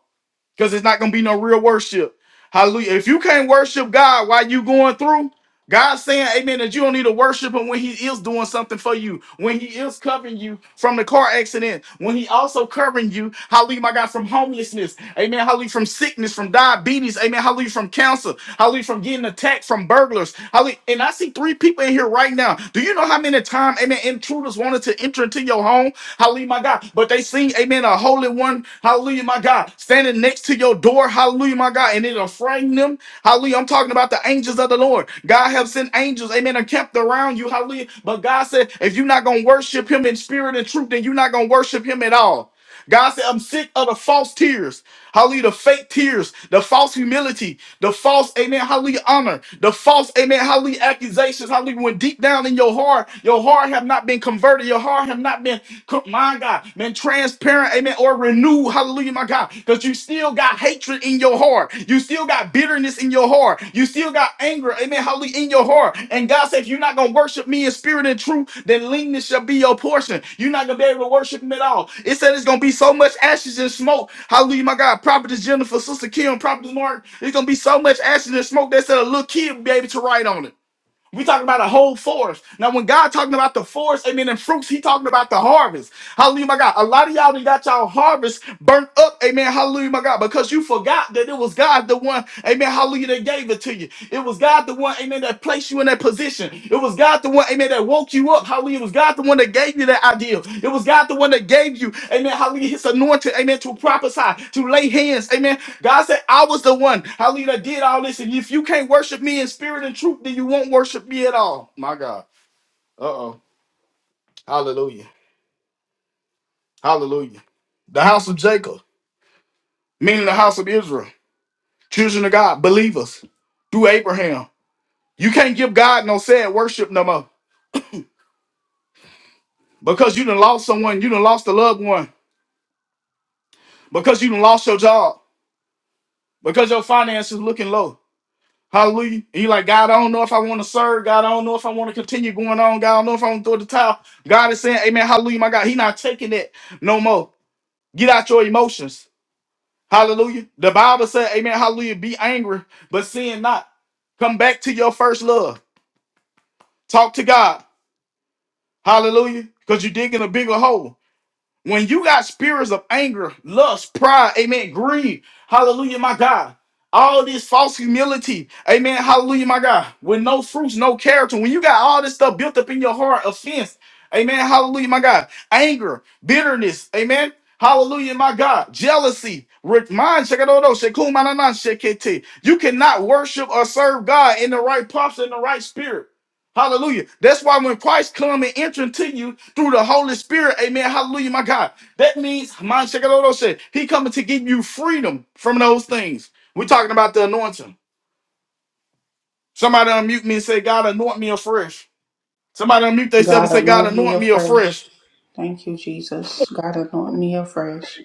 S1: because it's not gonna be no real worship. Hallelujah. If you can't worship God while you going through, God's saying, Amen, that you don't need to worship Him when He is doing something for you, when He is covering you from the car accident, when He also covering you, hallelujah, my God, from homelessness, Amen, hallelujah, from sickness, from diabetes, Amen, hallelujah, from cancer, hallelujah, from getting attacked, from burglars, hallelujah. And I see three people in here right now. Do you know how many times, Amen, intruders wanted to enter into your home, hallelujah, my God, but they seen, Amen, a holy one, hallelujah, my God, standing next to you your door. Hallelujah, my God. And it'll frighten them. Hallelujah. I'm talking about the angels of the Lord. God have sent angels, amen, and kept around you. Hallelujah. But God said, if you're not going to worship him in spirit and truth, then you're not going to worship him at all. God said, I'm sick of the false tears. Hallelujah. The fake tears, the false humility, the false, amen, hallelujah, honor, the false, amen, hallelujah, accusations. Hallelujah. When deep down in your heart, your heart have not been converted, your heart have not been been, my God, been transparent, amen, or renewed, hallelujah, my God, because you still got hatred in your heart. You still got bitterness in your heart. You still got anger, amen, hallelujah, in your heart. And God said, if you're not going to worship me in spirit and truth, then leanness shall be your portion. You're not going to be able to worship him at all. It said it's going to be so much ashes and smoke. Hallelujah, my God. Prophetess Jennifer, Sister Kim, Prophetess Mark, it's going to be so much ashes and smoke that said a little kid will be able to write on it. We talking about a whole forest. Now, when God talking about the forest, amen, and fruits, he talking about the harvest. Hallelujah, my God. A lot of y'all done got y'all harvest burnt up, amen, hallelujah, my God, because you forgot that it was God the one, amen, hallelujah, that gave it to you. It was God the one, amen, that placed you in that position. It was God the one, amen, that woke you up. Hallelujah. It was God the one that gave you that idea. It was God the one that gave you, amen, hallelujah, his anointing, amen, to prophesy, to lay hands, amen. God said, I was the one, hallelujah, that did all this. And if you can't worship me in spirit and truth, then you won't worship me at all. My God. Uh oh. Hallelujah. Hallelujah. The house of Jacob, meaning the house of Israel, children of God, believers, through Abraham. You can't give God no sad worship no more because you done lost someone, you done lost a loved one. because you done lost your job, because your finances looking low. Hallelujah. And you like, God, I don't know if I want to serve. God, I don't know if I want to continue going on. God, I don't know if I want to throw the towel. God is saying, Amen. Hallelujah, my God. He not taking it no more. Get out your emotions. Hallelujah. The Bible said, Amen. Hallelujah. Be angry, but sin not. Come back to your first love. Talk to God. Hallelujah. Because you're digging a bigger hole. When you got spirits of anger, lust, pride, amen, greed, hallelujah, my God. All this false humility, amen, hallelujah, my God. With no fruits, no character. When you got all this stuff built up in your heart, offense, amen, hallelujah, my God. Anger, bitterness, amen. Hallelujah, my God. Jealousy. re- Mind, check it out, though. Shekum, manana, shekete. You cannot worship or serve God in the right posture, in the right spirit. Hallelujah. That's why when Christ come and enter into you through the Holy Spirit, amen. Hallelujah, my God. That means, man, Shekaloto said, he coming to give you freedom from those things. We're talking about the anointing. Somebody unmute me and say, God, anoint me afresh. Somebody unmute themselves and
S6: God
S1: say, God,
S6: anoint me
S1: anoint me afresh.
S6: afresh. Thank you, Jesus. God anoint me afresh.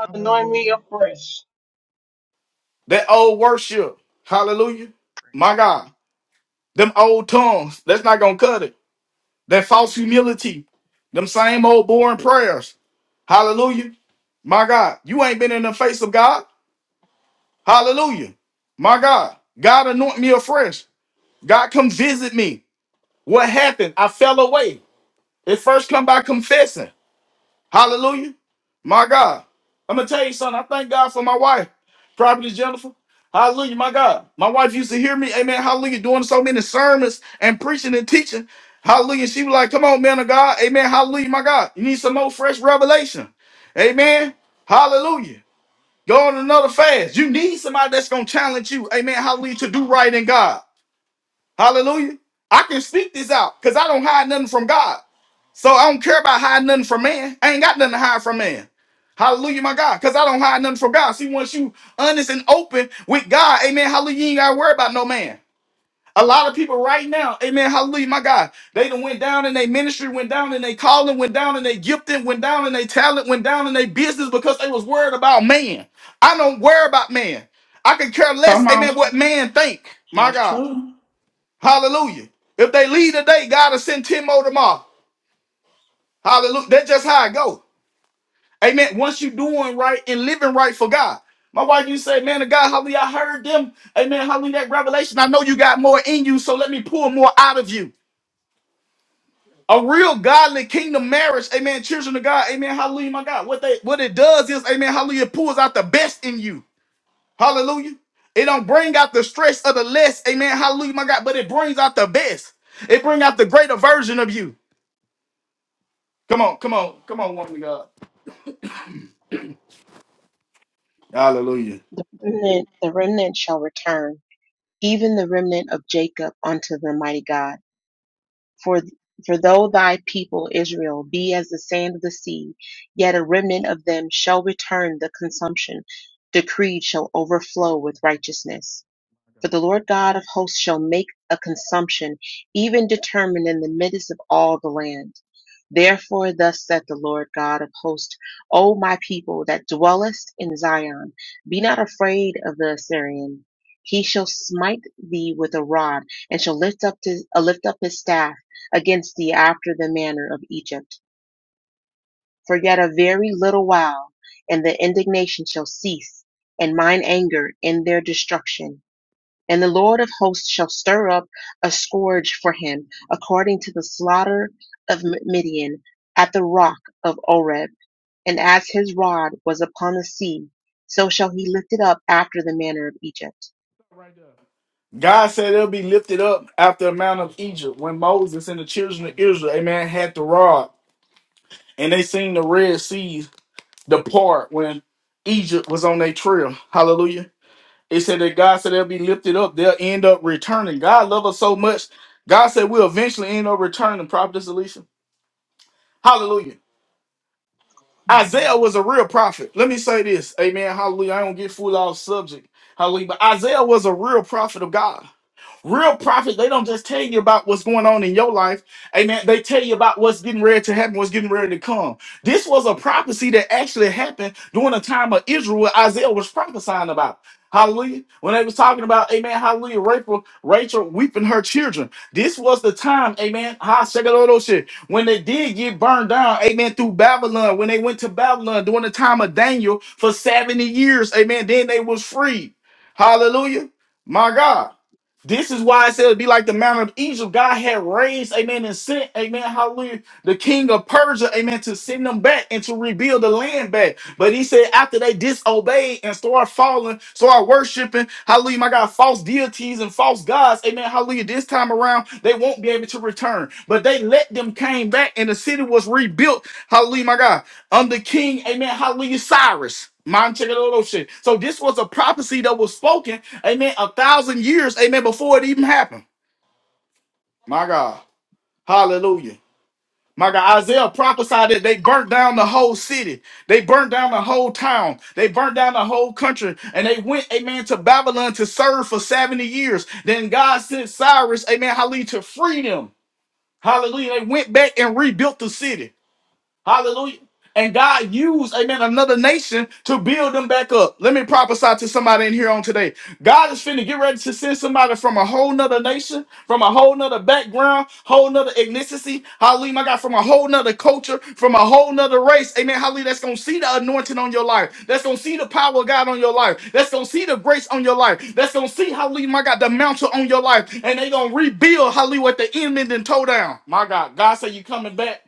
S1: Hallelujah.
S7: Anoint
S2: Hallelujah.
S7: me afresh.
S1: That old worship. Hallelujah. My God. Them old tongues. That's not going to cut it. That false humility. Them same old boring prayers. Hallelujah. My God. You ain't been in the face of God. Hallelujah. My God. God anoint me afresh. God come visit me. What happened? I fell away. It first come by confessing. Hallelujah. My God. I'm gonna tell you something. I thank God for my wife, Prophetess Jennifer. Hallelujah, my God. My wife used to hear me, amen, hallelujah, doing so many sermons and preaching and teaching. Hallelujah. She was like, come on, man of God. Amen. Hallelujah, my God. You need some more fresh revelation. Amen. Hallelujah. Go on another fast. You need somebody that's gonna challenge you. Amen. Hallelujah. To do right in God. Hallelujah. I can speak this out because I don't hide nothing from God. So I don't care about hiding nothing from man. I ain't got nothing to hide from man. Hallelujah, my God. Because I don't hide nothing from God. See, once you honest and open with God, amen. Hallelujah, you ain't gotta worry about no man. A lot of people right now, amen, hallelujah, my God, they done went down in their ministry, went down in their calling, went down in their gifting, went down in their talent, went down in their business because they was worried about man. I don't worry about man. I can care
S6: Come
S1: less, amen,
S6: on.
S1: what man think. My
S6: That's
S1: God,
S6: true.
S1: hallelujah. If they leave today, God will send 10 more tomorrow. Hallelujah. That's just how it go. Amen. Once you doing right and living right for God. My wife, you say, man of God, hallelujah, I heard them. Amen. Hallelujah, that revelation. I know you got more in you, so let me pull more out of you. A real godly kingdom marriage, amen. Children of God, amen. Hallelujah, my God. What they what it does is, amen. Hallelujah, it pulls out the best in you. Hallelujah. It don't bring out the stress of the less, amen. Hallelujah, my God. But it brings out the best. It bring out the greater version of you. Come on, come on, come on, woman of God. Hallelujah.
S2: The remnant, the remnant shall return, even the remnant of Jacob unto the mighty God. For for though thy people Israel be as the sand of the sea, yet a remnant of them shall return the consumption, decreed shall overflow with righteousness For the Lord God of hosts shall make a consumption, even determined in the midst of all the land. Therefore, thus saith the Lord God of hosts, O my people that dwellest in Zion, be not afraid of the Assyrian. He shall smite thee with a rod, and shall lift up his, uh, lift up his staff against thee after the manner of Egypt. For yet a very little while, and the indignation shall cease, and mine anger in their destruction and the Lord of hosts shall stir up a scourge for him, according to the slaughter of Midian at the rock of Oreb. And as his rod was upon the sea, so shall he lift it up after the manner of Egypt.
S1: God said it'll be lifted up after the Mount of Egypt when Moses and the children of Israel, amen, had the rod and they seen the Red Sea depart when Egypt was on their trail. Hallelujah. It said that God said they'll be lifted up. They'll end up returning. God loves us so much. God said we'll eventually end up returning. Prophetess Alicia. Hallelujah. Isaiah was a real prophet. Let me say this. Amen. Hallelujah. I don't get full off subject. Hallelujah. But Isaiah was a real prophet of God. Real prophets, they don't just tell you about what's going on in your life. Amen. They tell you about what's getting ready to happen, what's getting ready to come. This was a prophecy that actually happened during the time of Israel, what Isaiah was prophesying about. Hallelujah. When they was talking about, amen, hallelujah, Rachel, Rachel weeping her children. This was the time, amen, ha, shit. when they did get burned down, amen, through Babylon, when they went to Babylon during the time of Daniel for 70 years, amen, then they was free. Hallelujah. My God. This is why it said it'd be like the mountain of Egypt. God had raised, amen, and sent, amen, hallelujah, the king of Persia, amen, to send them back and to rebuild the land back. But he said after they disobeyed and started falling, started worshiping, hallelujah, my God, false deities and false gods, amen, hallelujah, this time around, they won't be able to return. But they let them came back and the city was rebuilt, hallelujah, my God, under King, amen, hallelujah, Cyrus. Mind check it out, those shit. So this was a prophecy that was spoken Amen. A thousand years, amen, before it even happened. My God. Hallelujah. My God, Isaiah prophesied that they burnt down the whole city. They burnt down the whole town. They burnt down the whole country. And they went, amen, to Babylon to serve for 70 years. Then God sent Cyrus, amen, hallelujah, to free them. Hallelujah. They went back and rebuilt the city. Hallelujah. And God used, amen, another nation to build them back up. Let me prophesy to somebody in here on today. God is finna get ready to send somebody from a whole nother nation, from a whole nother background, whole nother ethnicity. Hallelujah, my God, from a whole nother culture, from a whole nother race. Amen. Hallelujah. That's gonna see the anointing on your life. That's gonna see the power of God on your life. That's gonna see the grace on your life. That's gonna see, hallelujah, my God, the mountain on your life. And they gonna rebuild, hallelujah, what the enemy then tore down. My God, God said you coming back.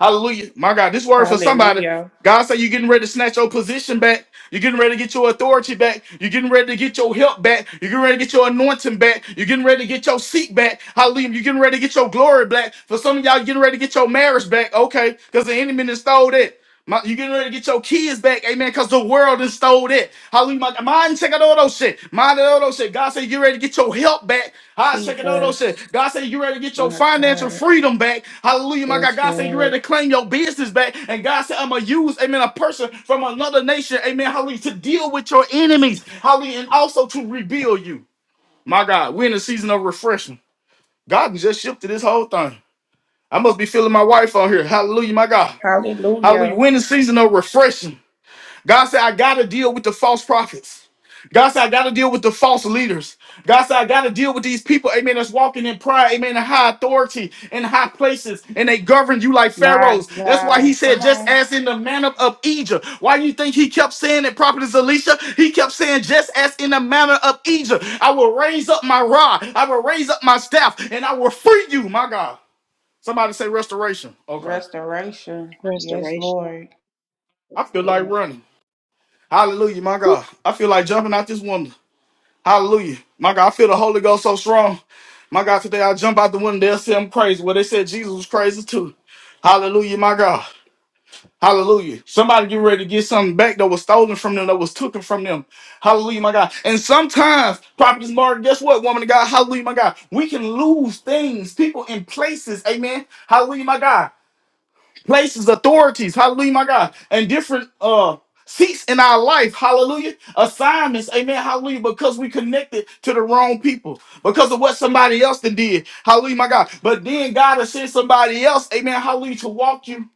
S1: Hallelujah. My God, this word for somebody.
S6: Hallelujah.
S1: God say you're getting ready to snatch your position back. You're getting ready to get your authority back. You're getting ready to get your help back. You're getting ready to get your anointing back. You're getting ready to get your seat back. Hallelujah. You're getting ready to get your glory back. For some of y'all, you're getting ready to get your marriage back. Okay. Because the enemy done stole that. My, you getting ready to get your kids back, amen, because the world done stole that. Hallelujah. My, mind check out all those shit. Mind out all those shit. God said, you ready to get your help back. I check out all those shit.
S6: Jesus.
S1: God said, you ready to get your
S6: My
S1: financial
S6: God.
S1: freedom back. Hallelujah, my God.
S6: Yes,
S1: God said, you ready
S6: Lord.
S1: to claim your business back. And God said, I'm going to use, amen, a person from another nation, amen, hallelujah, to deal with your enemies. Hallelujah, and also to rebuild you. My God, we're in a season of refreshing. God just shifted this whole thing. I must be feeling my wife on here. Hallelujah, my God. Hallelujah.
S6: Hallelujah.
S1: We're in the season of refreshing. God said, I got to deal with the false prophets. God said, I got to deal with the false leaders. God said, I got to deal with these people, amen, that's walking in pride, amen, in high authority, in high places, and they govern you like
S6: My
S1: pharaohs. That's why he
S6: God.
S1: said,
S6: Come
S1: just
S6: on.
S1: as in the manner of Egypt. Why you think he kept saying it, Prophetess Alicia? He kept saying, just as in the manner of Egypt, I will raise up my rod, I will raise up my staff, and I will free you, my God. Somebody say restoration. Okay.
S6: Restoration. Yes,
S2: Restoration.
S6: Lord.
S1: I feel like
S2: Amen.
S1: running. Hallelujah, my
S2: Whew.
S1: God. I feel like jumping out this woman. Hallelujah. My God, I feel the Holy Ghost so strong. My God, today I jump out the window, they'll say I'm crazy. Well, they said Jesus was crazy too. Hallelujah, my God. Hallelujah. Somebody get ready to get something back that was stolen from them, that was taken from them. Hallelujah, my God. And sometimes, Prophetess Martin, guess what, woman of God? Hallelujah, my God. We can lose things, people, and places. Amen. Hallelujah, my God places, authorities, hallelujah, my God, and different uh seats in our life, hallelujah, assignments, amen, hallelujah, because we connected to the wrong people, because of what somebody else done did, hallelujah, my God. But then God has sent somebody else, amen, hallelujah, to walk you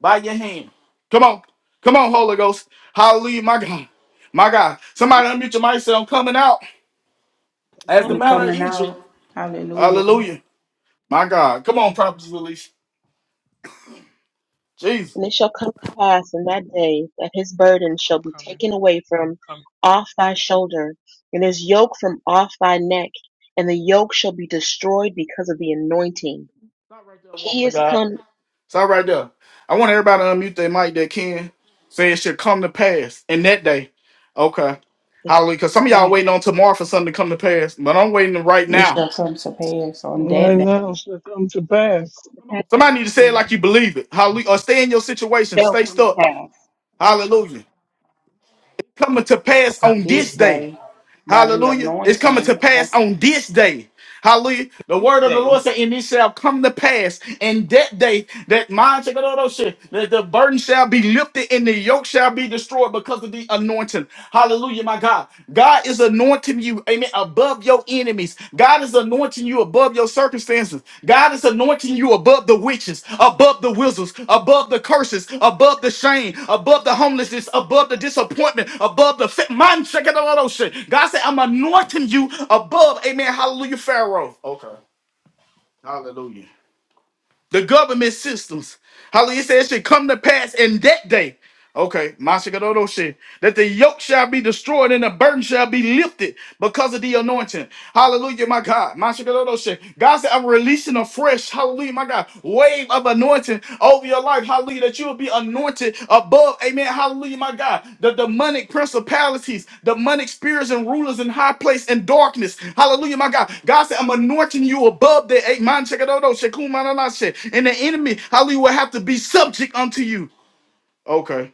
S1: by your hand. Come on, come on, Holy Ghost, hallelujah, my God, my God. Somebody unmute your mic, and say, I'm coming out
S2: I'm
S1: as the
S6: I'm
S2: coming out.
S1: man of
S6: coming
S1: Egypt,
S6: out. Hallelujah.
S1: hallelujah, my God. Come on, prophetess release, Jesus.
S2: And it shall come to pass in that day that his burden shall be
S8: coming.
S2: taken away
S8: I'm
S2: from
S8: coming.
S2: off thy shoulder, and his yoke from off thy neck, and the yoke shall be destroyed because of the anointing.
S1: Stop right there, woman
S2: He
S1: of
S2: is
S1: God.
S2: come,
S1: Stop right there. I want everybody to unmute their mic that can. Say it should come to pass in that day. Okay.
S2: it shall
S1: Hallelujah. Because
S2: come to
S1: some of y'all
S2: pass.
S1: waiting on tomorrow for something to come to pass, but I'm waiting right
S6: It
S1: now.
S6: shall come to pass on that
S7: Right
S6: day,
S7: now shall come to
S2: It shall
S7: pass
S2: come to
S1: Come on.
S2: pass
S1: Somebody need
S2: this
S1: to say it
S2: day.
S1: like you believe it. Hallelujah. Or stay in your
S2: It
S1: situation.
S2: Shall
S1: Stay
S2: come to
S1: stuck.
S2: pass.
S1: Hallelujah. Coming to
S8: But
S1: pass
S8: I'm
S1: on
S8: going.
S6: this
S1: this day.
S6: day, by the
S1: Hallelujah.
S2: It
S1: It's
S2: shall
S1: coming
S2: come
S1: to
S6: anointing.
S2: to
S1: pass
S2: pass.
S1: on this day. Hallelujah. The
S7: this
S1: word of the
S7: day.
S1: Lord said, and it shall come to pass in that day that mine shall go those shit, that the burden shall be lifted and the yoke shall be destroyed because of the anointing. Hallelujah, my God. God is anointing you, amen, above your enemies enemies. God is anointing you above your circumstances. God is anointing you above the witches, above the wizards, above the curses, above the shame, above the homelessness, above the disappointment, above the fit. Man, check it out, oh shit. God said, I'm anointing you above, amen, hallelujah, Pharaoh. Okay, hallelujah the government systems. Hallelujah. It says it should come to pass in that day. Okay, Mashikadodo shit. That the yoke shall be destroyed and the burden shall be lifted because of the anointing. Hallelujah, my God. Mashikadodo shit. God said, I'm releasing a fresh, hallelujah, my God, wave of anointing over your life. Hallelujah. That you will be anointed above. Amen. Hallelujah, my God. The demonic principalities, demonic spirits and rulers in high place and darkness. Hallelujah, my God. God said, I'm anointing you above the eight man shekadodo, shekumananashe. And the enemy, hallelujah, will have to be subject unto you. Okay.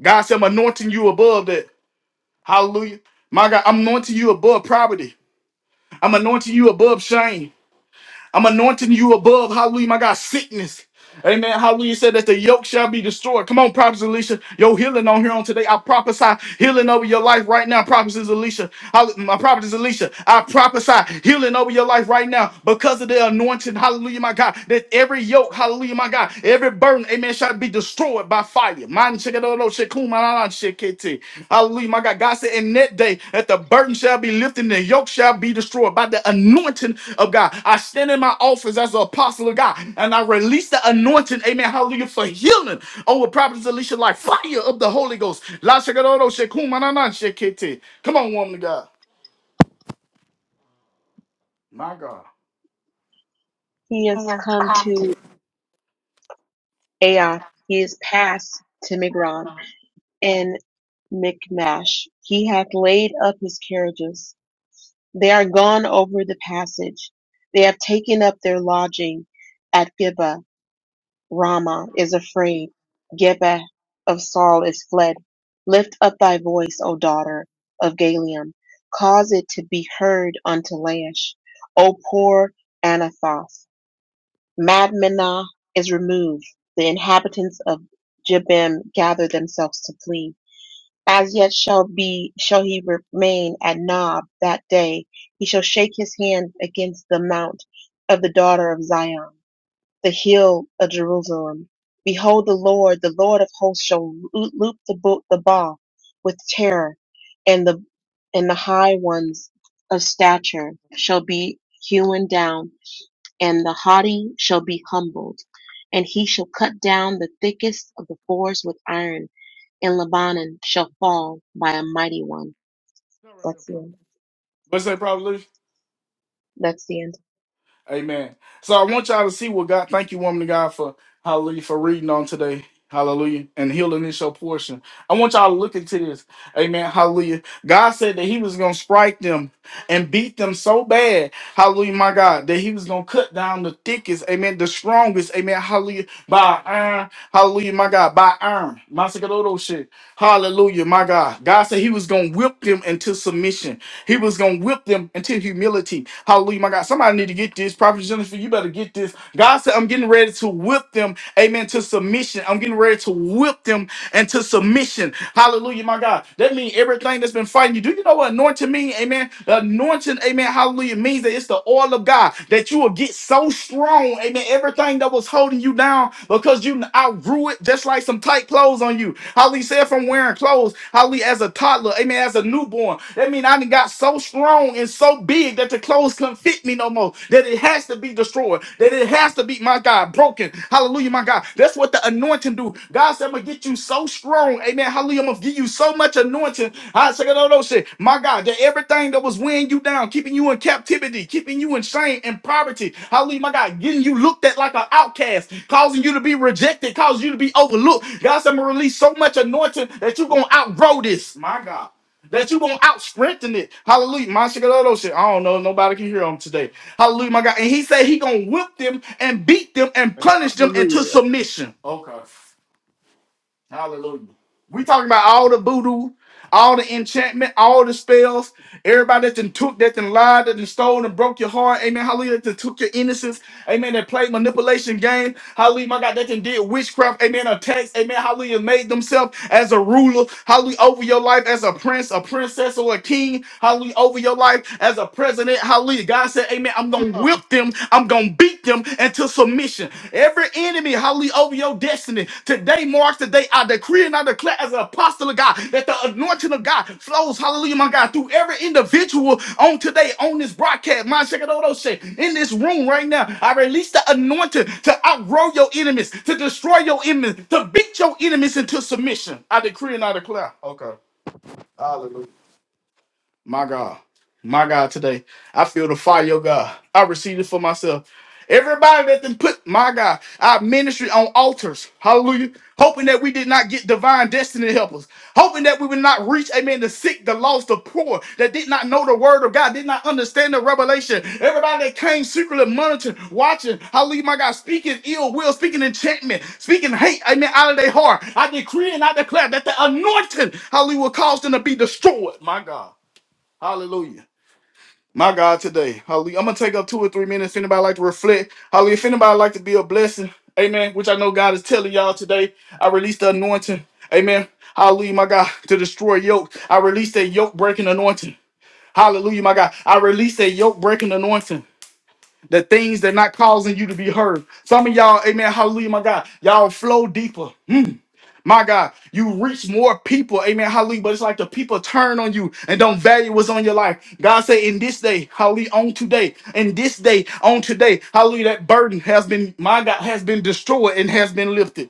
S1: God said, I'm anointing you above that. Hallelujah. My God, I'm anointing you above poverty. I'm anointing you above shame. I'm anointing you above, hallelujah, my God, sickness. Amen. Hallelujah. It Said that the yoke shall be destroyed. Come on, Prophet Alicia. Your healing on here on today. I prophesy healing over your life right now, Prophet Alicia. Hall- My Prophet Alicia. I prophesy healing over your life right now because of the anointing. Hallelujah, my God. That every yoke, hallelujah, my God, every burden, amen, shall be destroyed by fire fire. Man, shake it, oh, no, shake, cool, man, ah, shake it, eh. Hallelujah, my God. God said, in that day, that the burden shall be lifted and the yoke shall be destroyed by the anointing of God. I stand in my office as an apostle of God and I release the anointing, amen, hallelujah, for healing over Prophet Alicia like fire of the Holy Ghost. La, shake it, oh, no, shake, cool, man, ah, shake it, eh. Come on, woman of God. My God.
S2: He is come to Ai. He is passed to Migron and Michmash. He hath laid up his carriages They are gone over the passage. They have taken up their lodging at Gibeah. Ramah is afraid. Gibeah of Saul is fled. Lift up thy voice, O daughter of Galium. Cause it to be heard unto Laish. O poor Anathoth. Madmenah is removed. The inhabitants of Jebim gather themselves to flee. As yet shall be shall he remain at Nob that day. He shall shake his hand against the mount of the daughter of Zion, the hill of Jerusalem. Behold, the Lord, the Lord of hosts, shall lo- loop the bo- the bow with terror, and the and the high ones of stature shall be hewn down, and the haughty shall be humbled, and he shall cut down the thickest of the forest with iron and Lebanon shall fall by a mighty one. That's the end.
S1: What's that, Prophet
S2: That's the end.
S1: Amen. So I want y'all to see what God. Thank you, woman of God, for hallelujah for reading on today. Hallelujah. And healing is your portion. I want y'all to look into this. Amen. Hallelujah. God said that He was going to strike them and beat them so bad. Hallelujah, my God. That He was going to cut down the thickest. Amen. The strongest. Amen. Hallelujah. By iron. Hallelujah, my God. By iron. Masakadodo shit. Hallelujah, my God. God said He was going to whip them into submission. He was gonna whip them into humility. Hallelujah, my God. Somebody need to get this. Prophet Jennifer, you better get this. God said, I'm getting ready to whip them, amen, to submission. I'm getting ready to whip them and to submission. Hallelujah, my God. That means everything that's been fighting you. Do you know what anointing means? Amen. The Anointing, amen. Hallelujah means that it's the oil of God that you will get so strong. Amen. Everything that was holding you down because you outgrew it, just like some tight clothes on you. Hallelujah. Said from wearing clothes. Hallelujah. As a toddler, amen. As a newborn, that means I done got so strong and so big that the clothes couldn't fit me no more. That it has to be be destroyed, that it has to be, my God, broken. Hallelujah, my God. That's what the anointing do. God said, I'm going to get you so strong. Amen. Hallelujah. I'm going to give you so much anointing. I said, no, no, no, shit. My God, that everything that was weighing you down, keeping you in captivity, keeping you in shame and poverty. Hallelujah, my God, getting you looked at like an outcast, causing you to be rejected, causing you to be overlooked. God said, I'm going to release so much anointing that you're going to outgrow this. My God that you gonna out strengthen it. Hallelujah. My shit. shit. I don't know. Nobody can hear him today. Hallelujah, my God. And he said he gonna whip them and beat them and punish them into
S7: Hallelujah.
S1: submission. Okay. Hallelujah. We talking about all the voodoo, all the enchantment, all the spells, everybody that done took, that done lied, that done stole and broke your heart. Amen. Hallelujah. That done took your innocence. Amen. That played manipulation game. Hallelujah. My God, that done did witchcraft. Amen. Attacks. Amen. Hallelujah. Made themselves as a ruler. Hallelujah. Over your life as a prince, a princess, or a king. Hallelujah. Over your life as a president. Hallelujah. God said, Amen. I'm going to whip them. I'm going to beat them into submission opposition, every enemy, hallelujah, over your destiny. Today marks the day I decree and I declare as an apostle of God that the anointing of God flows, hallelujah, my God, through every individual on today, on this broadcast, my second all those shit, in this room right now. I release the anointing to outgrow your enemies, to destroy your enemies, to beat your enemies into submission. I decree and I declare. Okay. My God. My God, today. I feel the fire, of God. I receive it for myself. Everybody that then put my God, our ministry on altars. Hallelujah. Hoping that we did not get divine destiny helpers. Hoping that we would not reach, amen, the sick, the lost, the poor, that did not know the word of God, did not understand the revelation. Everybody that came secretly monitoring, watching, hallelujah, my God, speaking ill will, speaking enchantment, speaking hate, amen, out of their heart. I decree and I declare that the anointing, hallelujah, will cause them to be destroyed. My God. Hallelujah. My God, today. Hallelujah. I'm gonna take up two or three minutes. If anybody like to reflect, hallelujah. If anybody like to be a blessing, amen. Which I know God is telling y'all today. I release the anointing. Amen. Hallelujah, my God, to destroy yoke. I release that yoke breaking anointing. Hallelujah, my God. I release that yoke breaking anointing. The things that not causing you to be heard. Some of y'all, amen, hallelujah, my God. Y'all flow deeper. My God, you reach more people. Amen. Hallelujah. But it's like the people turn on you and don't value what's on your life. God say, in this day, hallelujah, on today, in this day, on today, hallelujah, that burden has been, my God, has been destroyed and has been lifted.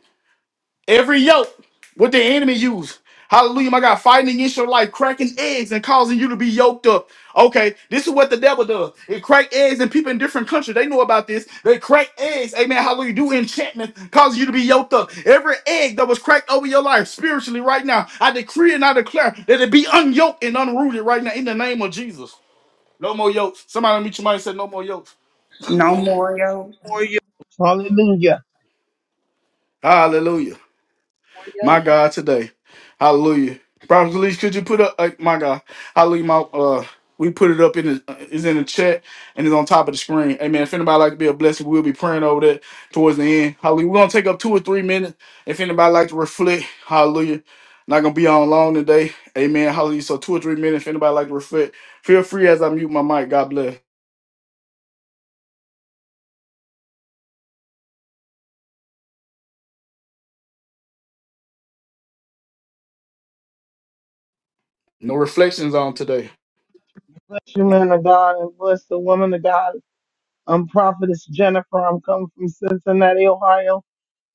S1: Every yoke, what the enemy use. Hallelujah, my God, fighting against your life, cracking eggs and causing you to be yoked up. Okay, this is what the devil does. It crack eggs and people in different countries, they know about this. They crack eggs, amen, hallelujah, do enchantment, causing you to be yoked up. Every egg that was cracked over your life spiritually right now, I decree and I declare that it be unyoked and unrooted right now in the name of Jesus. No more yokes. Somebody meet somebody and say no more yokes.
S6: No more, yo.
S7: For you. Hallelujah.
S1: Hallelujah.
S2: More
S1: My
S2: yoke.
S1: God, today. Hallelujah. Prophet Elise, could you put up, uh, my God, hallelujah, my, uh, we put it up in the, uh, it's in the chat and it's on top of the screen. Amen. If anybody like to be a blessing, we'll be praying over that towards the end. Hallelujah. We're going to take up two or three minutes. If anybody like to reflect, hallelujah. Not going to be on long today. Amen. Hallelujah. So two or three minutes. If anybody like to reflect, feel free as I mute my mic. God bless. No reflections on today.
S7: Bless you, man of God, and bless the woman of God. I'm Prophetess Jennifer. I'm coming from Cincinnati, Ohio.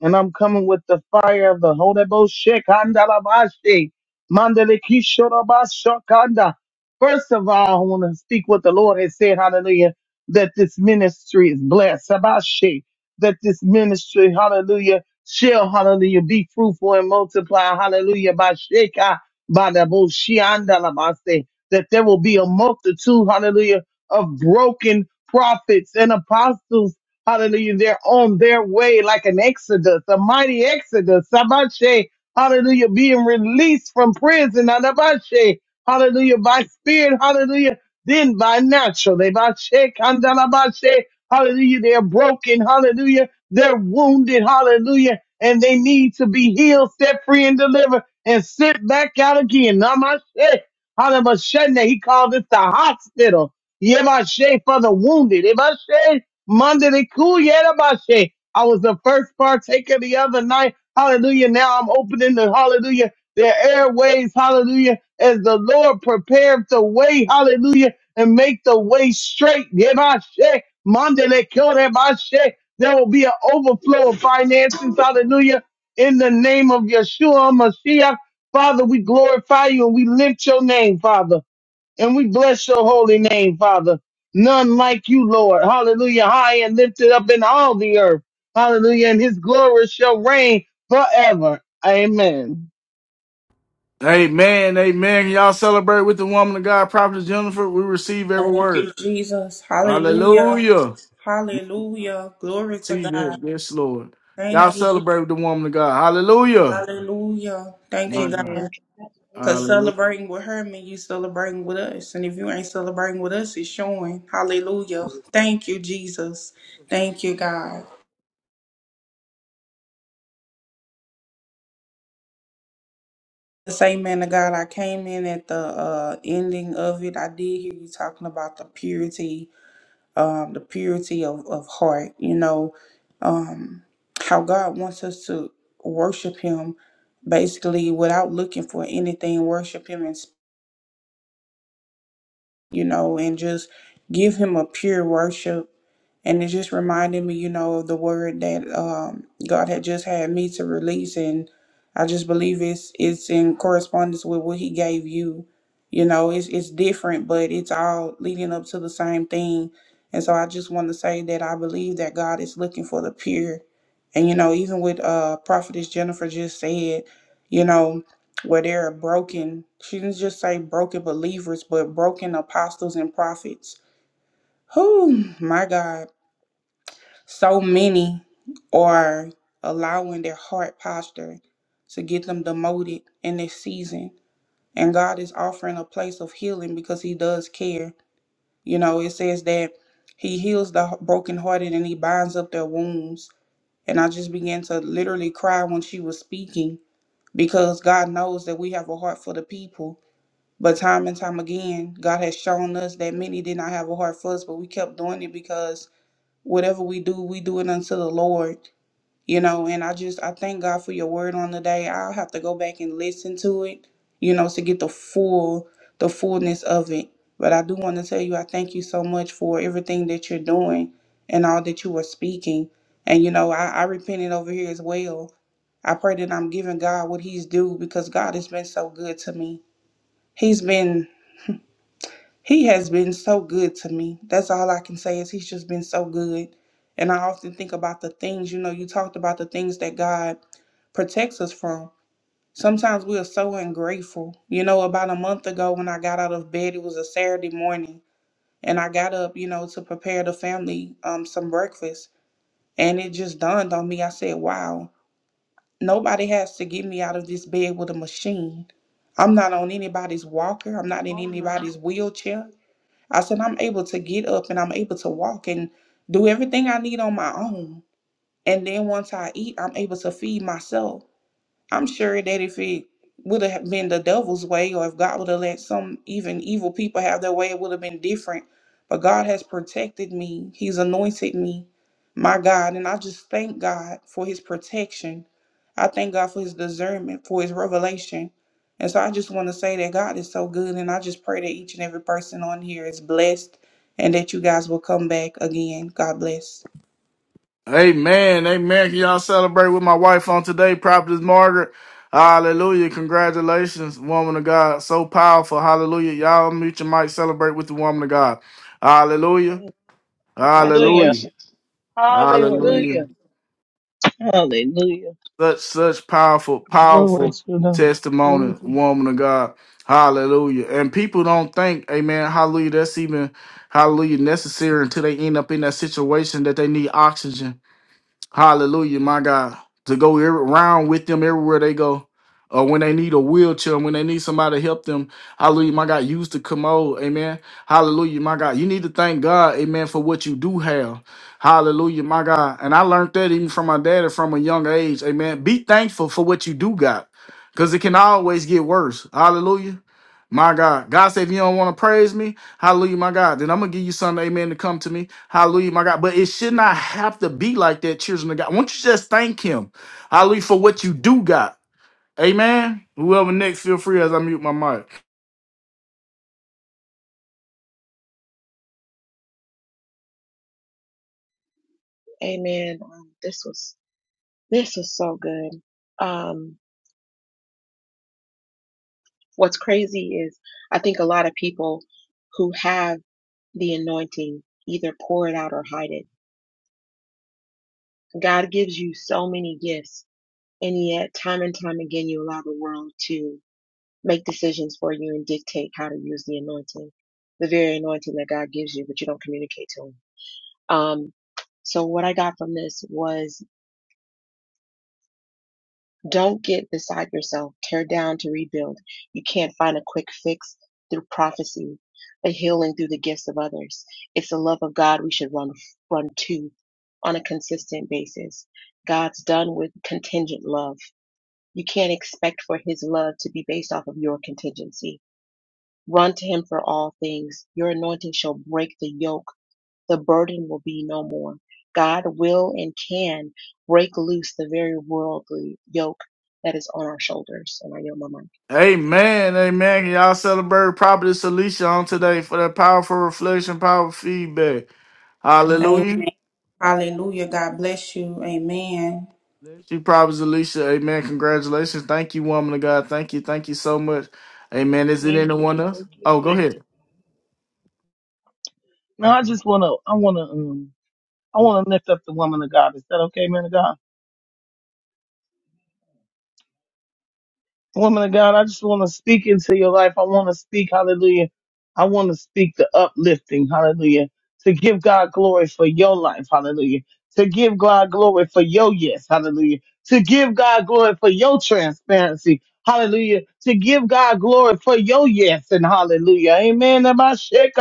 S7: and I'm coming with the fire of the Holy Ghost. Shekandalabashi, mandalikishorabashakanda. First of all, I want to speak what the Lord has said. Hallelujah. That this ministry is blessed. Sabashi, that this ministry, hallelujah, shall, hallelujah, be fruitful and multiply. Hallelujah. Bashika, badaboshiandalabase. That there will be a multitude, hallelujah, of broken prophets and apostles Hallelujah. They're on their way like an exodus, a mighty exodus. Sabache, hallelujah, being released from prison. Anabache, hallelujah, by spirit, hallelujah, then by natural. Ebache, kandalabache, Hallelujah, they're broken. Hallelujah, they're wounded. Hallelujah, and they need to be healed, set free, and delivered, and sent back out again. Namashe, hallelujah. He called this the hospital. Yemashe for the wounded. Monday the cool yerabashe. I was the first partaker the other night. Hallelujah. Now I'm opening the hallelujah, their airways. Hallelujah. As the Lord prepared the way. Hallelujah. And make the way straight. Yerabashe. Monday the cool yerabashe. There will be an overflow of finances. Hallelujah. In the name of Yeshua Mashiach. Father, we glorify you and we lift your name, Father. And we bless your holy name, Father. None like you, Lord. Hallelujah. High and lifted up in all the earth. Hallelujah. And his glory shall reign forever. Amen.
S1: Amen. Amen. Can y'all celebrate with the woman of God, Prophet Jennifer? We receive every
S6: Thank
S1: word.
S6: you, Jesus. Hallelujah.
S1: Hallelujah.
S6: Hallelujah. Glory to
S1: See
S6: God.
S1: that. Yes, Lord. Y'all
S6: Thank you, Jesus.
S1: celebrate with the woman of God. Hallelujah.
S6: Hallelujah. Thank you,
S1: My God.
S6: God.
S2: Amen.
S6: Because
S1: Hallelujah.
S2: Congratulations.
S6: celebrating with her means you celebrating with us. And if you ain't celebrating with us, it's showing. Hallelujah. Thank you, Jesus. Thank you, God. The same man of God, I came in at the uh, ending of it. I did hear you talking about the purity um, the purity of, of heart, you know, um, how God wants us to worship Him basically without looking for anything, worship Him, and, you know, and just give Him a pure worship and it just reminded me, you know, of the word that um, God had just had me to release, and I just believe it's it's in correspondence with what He gave you. You know, it's it's different, but it's all leading up to the same thing. And so I just want to say that I believe that God is looking for the pure, and you know, even with uh, prophetess Jennifer just said, you know. Where there are broken, she didn't just say broken believers, but broken apostles and prophets. Who, my God so many are allowing their heart posture to get them demoted in this season. And God is offering a place of healing because He does care. You know, it says that He heals the brokenhearted and He binds up their wounds. And I just began to literally cry when she was speaking because God knows that we have a heart for the people. But time and time again, God has shown us that many did not have a heart for us, but we kept doing it because whatever we do, we do it unto the Lord you know and i just i thank god for your word on the day i'll have to go back and listen to it you know to get the full the fullness of it but i do want to tell you i thank you so much for everything that you're doing and all that you are speaking and you know i, I repented over here as well i pray that i'm giving god what he's due because god has been so good to me he's been he has been so good to me that's all i can say is he's just been so good and i often think about the things you know you talked about the things that god protects us from. Sometimes we are so ungrateful. You know, about a month ago when I got out of bed, it was a Saturday morning, and I got up, you know, to prepare the family um, some breakfast. And it just dawned on me. I said, wow, nobody has to get me out of this bed with a machine. I'm not on anybody's walker, I'm not in anybody's wheelchair. I said, I'm able to get up and I'm able to walk and do everything I need on my own. And then once I eat, I'm able to feed myself. I'm sure that if it would have been the devil's way, or if God would have let some even evil people have their way, it would have been different. But God has protected me, He's anointed me, my God. And I just thank God for His protection. I thank God for His discernment, for His revelation. And so I just want to say that God is so good. And I just pray that each and every person on here is blessed and that you guys will come back again. God bless.
S1: Amen. Amen. Can y'all celebrate with my wife on today, Prophetess Margaret? Hallelujah. Congratulations, woman of God. So powerful. Hallelujah. Y'all mute your mic. Celebrate with the woman of God. Hallelujah.
S2: Amen.
S7: Hallelujah.
S1: Hallelujah.
S2: Congratulations. Hallelujah.
S1: Hallelujah.
S7: Hallelujah. Hallelujah.
S1: Such such powerful,
S7: Glory
S1: powerful
S7: to the Lord.
S1: testimony,
S7: Glory to God.
S1: woman of God. Hallelujah. And people don't think, amen, hallelujah, that's even hallelujah necessary until they end up in that situation that they need oxygen. Hallelujah, my God. To go every, around with them everywhere they go. Or when they need a wheelchair, when they need somebody to help them. Hallelujah, my God. Use the commode. Amen. Hallelujah, my God. You need to thank God, amen, for what you do have. Hallelujah, my God. And I learned that even from my daddy from a young age. Amen. Be thankful for what you do got. Because it can always get worse. Hallelujah. My God. God said, if you don't want to praise me, Hallelujah, my God. Then I'm gonna give you something, amen, to come to me. Hallelujah, my God. But it should not have to be like that, children of God. Won't you just thank him? Hallelujah for what you do got. Amen. Whoever next, feel free as I mute my mic.
S2: Amen. Um, this was this was so good. Um, what's crazy is I think a lot of people who have the anointing either pour it out or hide it. God gives you so many gifts, and yet time and time again you allow the world to make decisions for you and dictate how to use the anointing, the very anointing that God gives you, but you don't communicate to him. Um, so what I got from this was don't get beside yourself, tear down to rebuild. You can't find a quick fix through prophecy, a healing through the gifts of others. It's the love of God we should run run to on a consistent basis. God's done with contingent love. You can't expect for his love to be based off of your contingency Run to him for all things. Your anointing shall break the yoke. The burden will be no more. God will and can break loose the very worldly yoke that is on our shoulders. And I yield my mic.
S1: Amen. Amen. Can y'all celebrate Prophetess Alicia on today for that powerful reflection, powerful feedback.
S6: Amen.
S1: Hallelujah.
S6: Hallelujah. God bless you. Amen.
S1: She Prophetess Alicia. Amen. Congratulations. Thank you, woman of God. Thank you. Thank you so much. Amen. Is it
S7: Thank you.
S1: anyone else?
S7: Thank you.
S1: Oh, go
S7: Thank
S1: ahead.
S7: you. Now I just wanna I wanna um I wanna lift up the woman of God. Is that okay, man of God? Woman of God, I just want to speak into your life. I want to speak, hallelujah. I want to speak the uplifting, hallelujah, to give God glory for your life, hallelujah. To give God glory for your yes, hallelujah. To give God glory for your transparency, hallelujah. To give God glory for your yes and hallelujah. Amen. Hallelujah.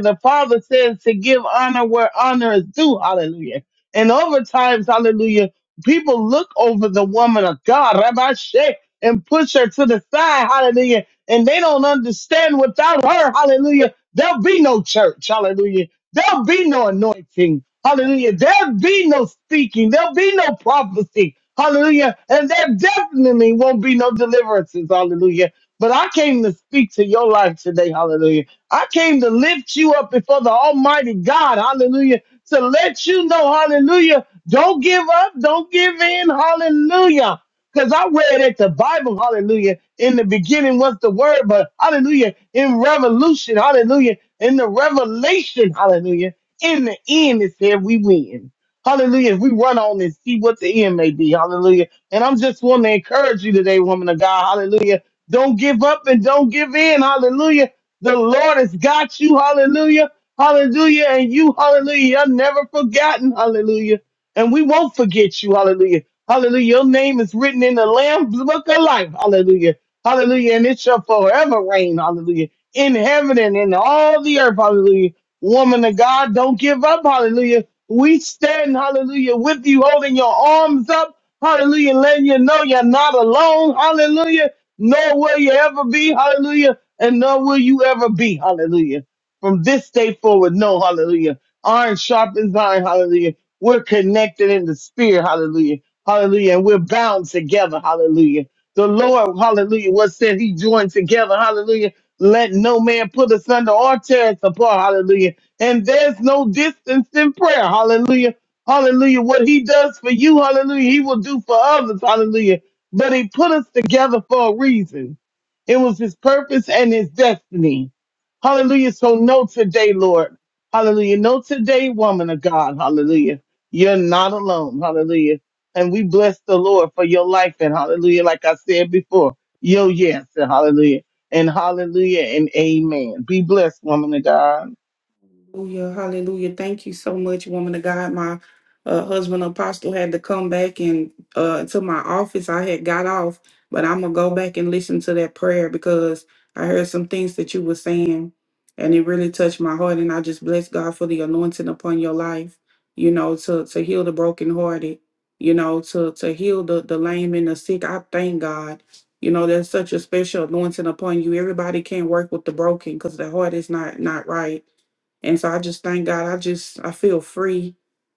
S7: The Father says to give honor where honor is due, hallelujah. And over times, hallelujah people look over the woman of God, Rabbi Sheikh, and push her to the side, hallelujah. And they don't understand without her, hallelujah, there'll be no church, hallelujah. There'll be no anointing, hallelujah. There'll be no speaking, there'll be no prophecy, hallelujah. And there definitely won't be no deliverances, hallelujah. But I came to speak to your life today, hallelujah. I came to lift you up before the Almighty God, hallelujah, to let you know, hallelujah, don't give up. Don't give in. Hallelujah. Because I read at the Bible, hallelujah, in the beginning was the word, but hallelujah, in revolution, hallelujah, in the revelation, hallelujah, in the end, it said we win. Hallelujah. If we run on and see what the end may be, hallelujah. And I'm just want to encourage you today, woman of God, hallelujah. Don't give up and don't give in, hallelujah. The Lord has got you, hallelujah, hallelujah, and you, hallelujah, you're never forgotten, hallelujah and we won't forget you. Hallelujah. Hallelujah. Your name is written in the Lamb's book of life. Hallelujah. Hallelujah. And it shall forever reign. Hallelujah. In heaven and in all the earth. Hallelujah. Woman of God, don't give up. Hallelujah. We stand, hallelujah, with you, holding your arms up. Hallelujah. Letting you know you're not alone. Hallelujah. Nor will you ever be. Hallelujah. And nor will you ever be. Hallelujah. From this day forward, no. Hallelujah. Iron sharpens iron. Hallelujah we're connected in the spirit. Hallelujah. Hallelujah. And we're bound together. Hallelujah. The Lord, hallelujah, what said he joined together. Hallelujah. Let no man put us under or tear us apart. Hallelujah. And there's no distance in prayer. Hallelujah. Hallelujah. What he does for you, hallelujah, he will do for others. Hallelujah. But he put us together for a reason. It was his purpose and his destiny. Hallelujah. So know today, Lord. Hallelujah. Know today, woman of God. Hallelujah you're not alone. Hallelujah. And we bless the Lord for your life and hallelujah. Like I said before, yo, yes, and hallelujah. And hallelujah and amen. Be blessed, woman of God.
S1: Hallelujah. Hallelujah. Thank you so much, woman of God. My uh, husband, Apostle, had to come back and uh, to my office. I had got off, but I'm going to go back and listen to that prayer because I heard some things that you were saying and it really touched my heart. And I just bless God for the anointing upon your life, you know, to, to heal the brokenhearted, you know, to, to heal the, the lame and the sick. I thank God. You know, there's such a special anointing upon you. Everybody can't work with the broken because the heart is not not right and so I just thank God. I just I feel free.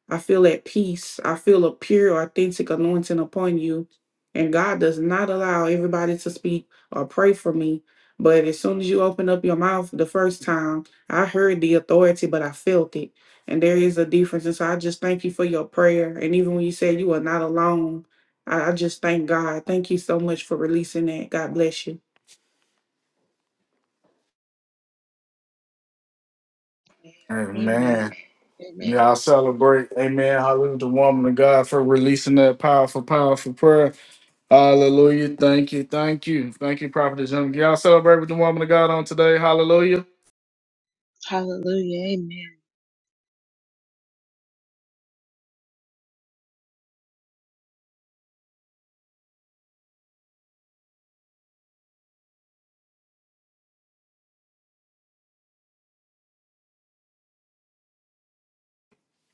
S1: I feel at peace. I feel a pure, authentic anointing upon you. And God does not allow everybody to speak or pray for me. But as soon as you open up your mouth the first time, I heard the authority, but I felt it. And there is a difference. And so I just thank you for your prayer. And even when you said you are not alone, I, I just thank God. Thank you so much for releasing that. God bless you.
S2: Amen.
S1: Amen.
S2: Amen.
S1: Yeah, I celebrate. Amen. Hallelujah. The woman of God for releasing that powerful, powerful prayer. Hallelujah. Thank you. Thank you. Thank you, Prophet Young. Y'all celebrate with the woman of God on today. Hallelujah.
S2: Hallelujah. Amen.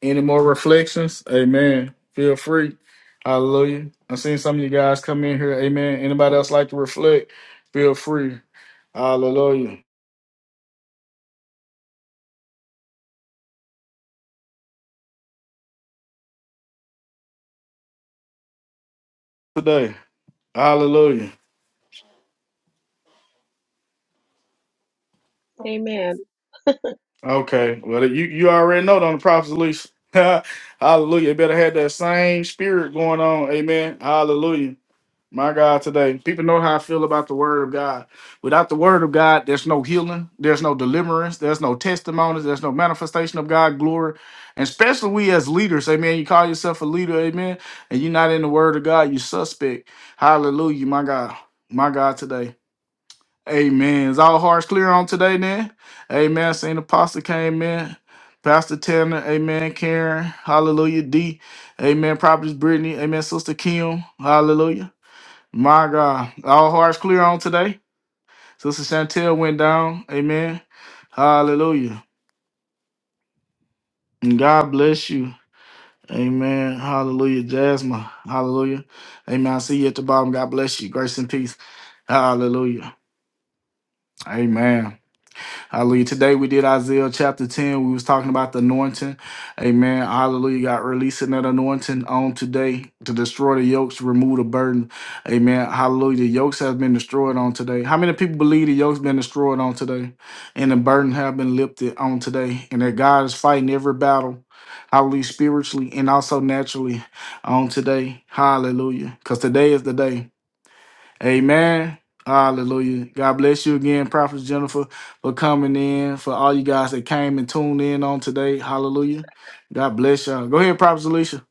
S1: Any more reflections? Amen. Feel free. Hallelujah. I've seen some of you guys come in here. Amen. Anybody else like to reflect? Feel free. Hallelujah. Today. Hallelujah.
S2: Amen.
S1: Okay. Well, you you already know do the prophets least. Hallelujah. You Better have that same spirit going on. Amen. Hallelujah. My God, today people know how I feel about the Word of God. Without the Word of God, there's no healing, there's no deliverance, there's no testimonies, there's no manifestation of God glory. And especially we as leaders, Amen. You call yourself a leader, Amen, and you're not in the Word of God, you suspect. Hallelujah, my God, my God, today. Amen. Is all hearts clear on today then? Amen. Saint Apostle came in. Pastor Tanner, amen. Karen, hallelujah. D, amen. Prophetess Brittany, amen. Sister Kim, hallelujah. My God. All hearts clear on today. Sister Chantel went down, amen. Hallelujah. And God bless you. Amen. Hallelujah. Jasmine, hallelujah. Amen. I see you at the bottom. God bless you. Grace and peace. Hallelujah. Amen. Hallelujah. Today we did Isaiah chapter 10. We was talking about the anointing. Amen. Hallelujah. God releasing that anointing on today to destroy the yokes, to remove the burden. Amen. Hallelujah. The yokes have been destroyed on today. How many people believe the yokes been destroyed on today? And the burden have been lifted on today. And that God is fighting every battle. Hallelujah. Spiritually and also naturally on today. Hallelujah. Because today is the day. Amen. Hallelujah. God bless you again, Prophet Jennifer, for coming in, for all you guys that came and tuned in on today. Hallelujah. God bless y'all. Go ahead, Prophet Alicia.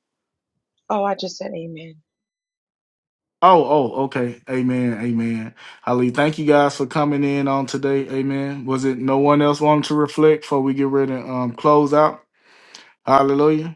S2: Oh, I just said amen.
S1: Oh, oh, okay. Amen. Amen. Hallelujah. Thank you guys for coming in on today. Amen. Was it no one else wanted to reflect before we get ready to um, close out? Hallelujah.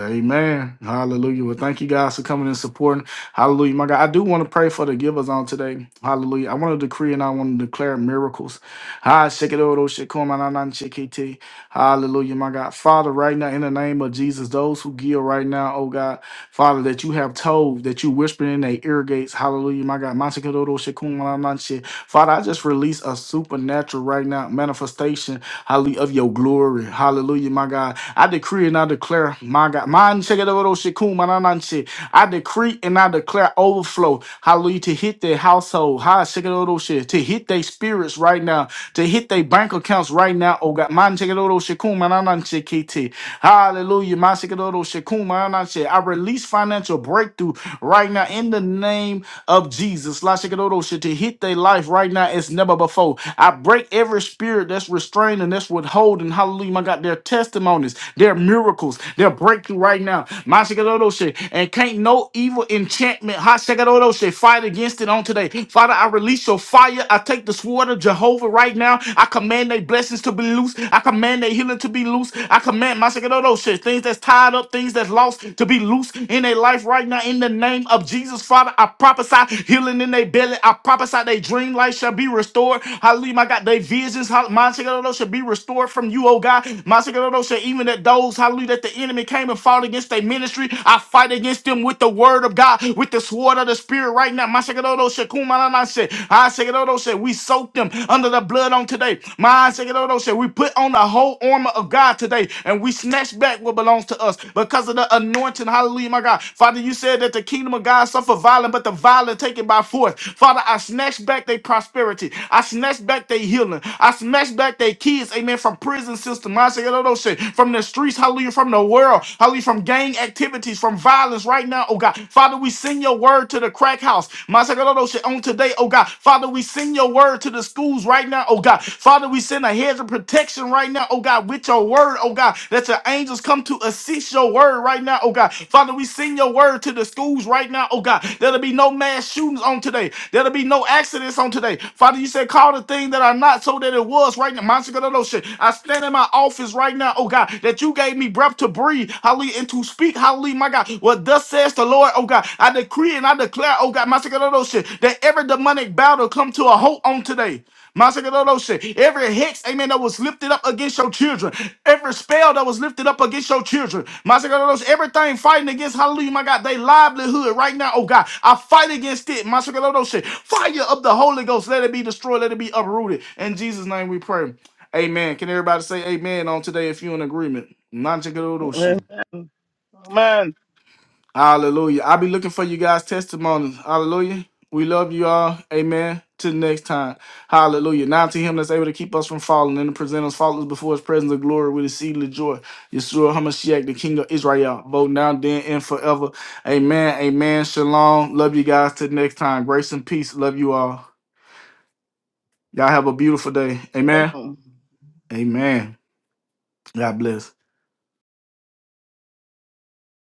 S1: Amen. Hallelujah. Well, thank you guys for coming and supporting. Hallelujah. My God, I do want to pray for the givers on today. Hallelujah. I want to decree and I want to declare miracles. Ha, shake it, oh, shake, come on, I'm shake it, eh. Hallelujah. My God, Father, right now, in the name of Jesus, those who give right now, oh God, Father, that you have told, that you whispered in their ear gates. Hallelujah. My God, my shake it, oh, shake, come on, I'm not shake. Father, I just release a supernatural right now manifestation, hallelujah, of your glory. Hallelujah, my God. I decree and I declare, my God, man, check it out, shikum, man, I say, I decree and I declare overflow, hallelujah, to hit their household, ha, check it out, oh, shit, to hit their spirits right now, to hit their bank accounts right now, oh God, man, check it out, shikum, man, shikun, mananansi, kiti. Hallelujah, man, check it out, shikum, man, I say, I release financial breakthrough right now in the name of Jesus, la, check it out, oh, shit, to hit their life right now as never before. I break every spirit that's restraining, that's withholding, hallelujah, my God, their testimonies. There are miracles. There are breakthrough right now. Mashigarodoshe. And can't no evil enchantment Hashigarodoshe, fight against it on today. Father, I release your fire. I take the sword of Jehovah right now. I command their blessings to be loose. I command their healing to be loose. I command Mashigarodoshe, things that's tied up, things that's lost to be loose in their life right now. In the name of Jesus, Father, I prophesy healing in their belly. I prophesy their dream life shall be restored. Hallelujah, my God. Their visions, hallelujah, shall be restored from you, oh God. Even that those, hallelujah, that the enemy came and fought against their ministry, I fight against them with the word of God, with the sword of the spirit right now. My shit, shit. I shit. We soak them under the blood on today. My shit. We put on the whole armor of God today and we snatch back what belongs to us because of the anointing. Hallelujah, my God. Father, you said that the kingdom of God suffer violence, but the violent taken by force. Father, I snatch back their prosperity. I snatch back their healing. I snatch back their kids, amen, from prison system, mindset, all those shit, from the streets, hallelujah, from the world, hallelujah, from gang activities, from violence right now, oh God. Father, we send your word to the crack house, mindset, all those shit on today, oh God. Father, we send your word to the schools right now, oh God. Father, we send a hedge of protection right now, oh God, with your word, oh God, that your angels come to assist your word right now, oh God. Father, we send your word to the schools right now, oh God. There'll be no mass shootings on today. There'll be no accidents on today. Father, you said call the thing that are not so that it was right now. Monster, God, oh, no shit position. I stand in my office right now, oh God, that you gave me breath to breathe, hallelujah, and to speak, hallelujah, my God. What thus says the Lord, oh God, I decree and I declare, oh God, my second of those shit, that every demonic battle come to a halt on today. My second shit, every hex, amen, that was lifted up against your children, every spell that was lifted up against your children, my second everything fighting against, hallelujah, my God, they livelihood right now, oh God, I fight against it, my second shit, fire of the Holy Ghost, let it be destroyed, let it be uprooted. In Jesus' name we pray. Amen. Can everybody say amen on today if you're in agreement? Not to go to shoot.
S7: Amen.
S1: Hallelujah. I'll be looking for you guys' testimonies. Hallelujah. We love you all. Amen. Till next time. Hallelujah. Now to him that's able to keep us from falling and to present us faultless before his presence of glory with exceeding joy. Yeshua HaMashiach, the King of Israel. Both now, then, and forever. Amen. Amen. Shalom. Love you guys. Till next time. Grace and peace. Love you all. Y'all have a beautiful day.
S7: Come
S1: Amen.
S7: on.
S1: Amen. God bless.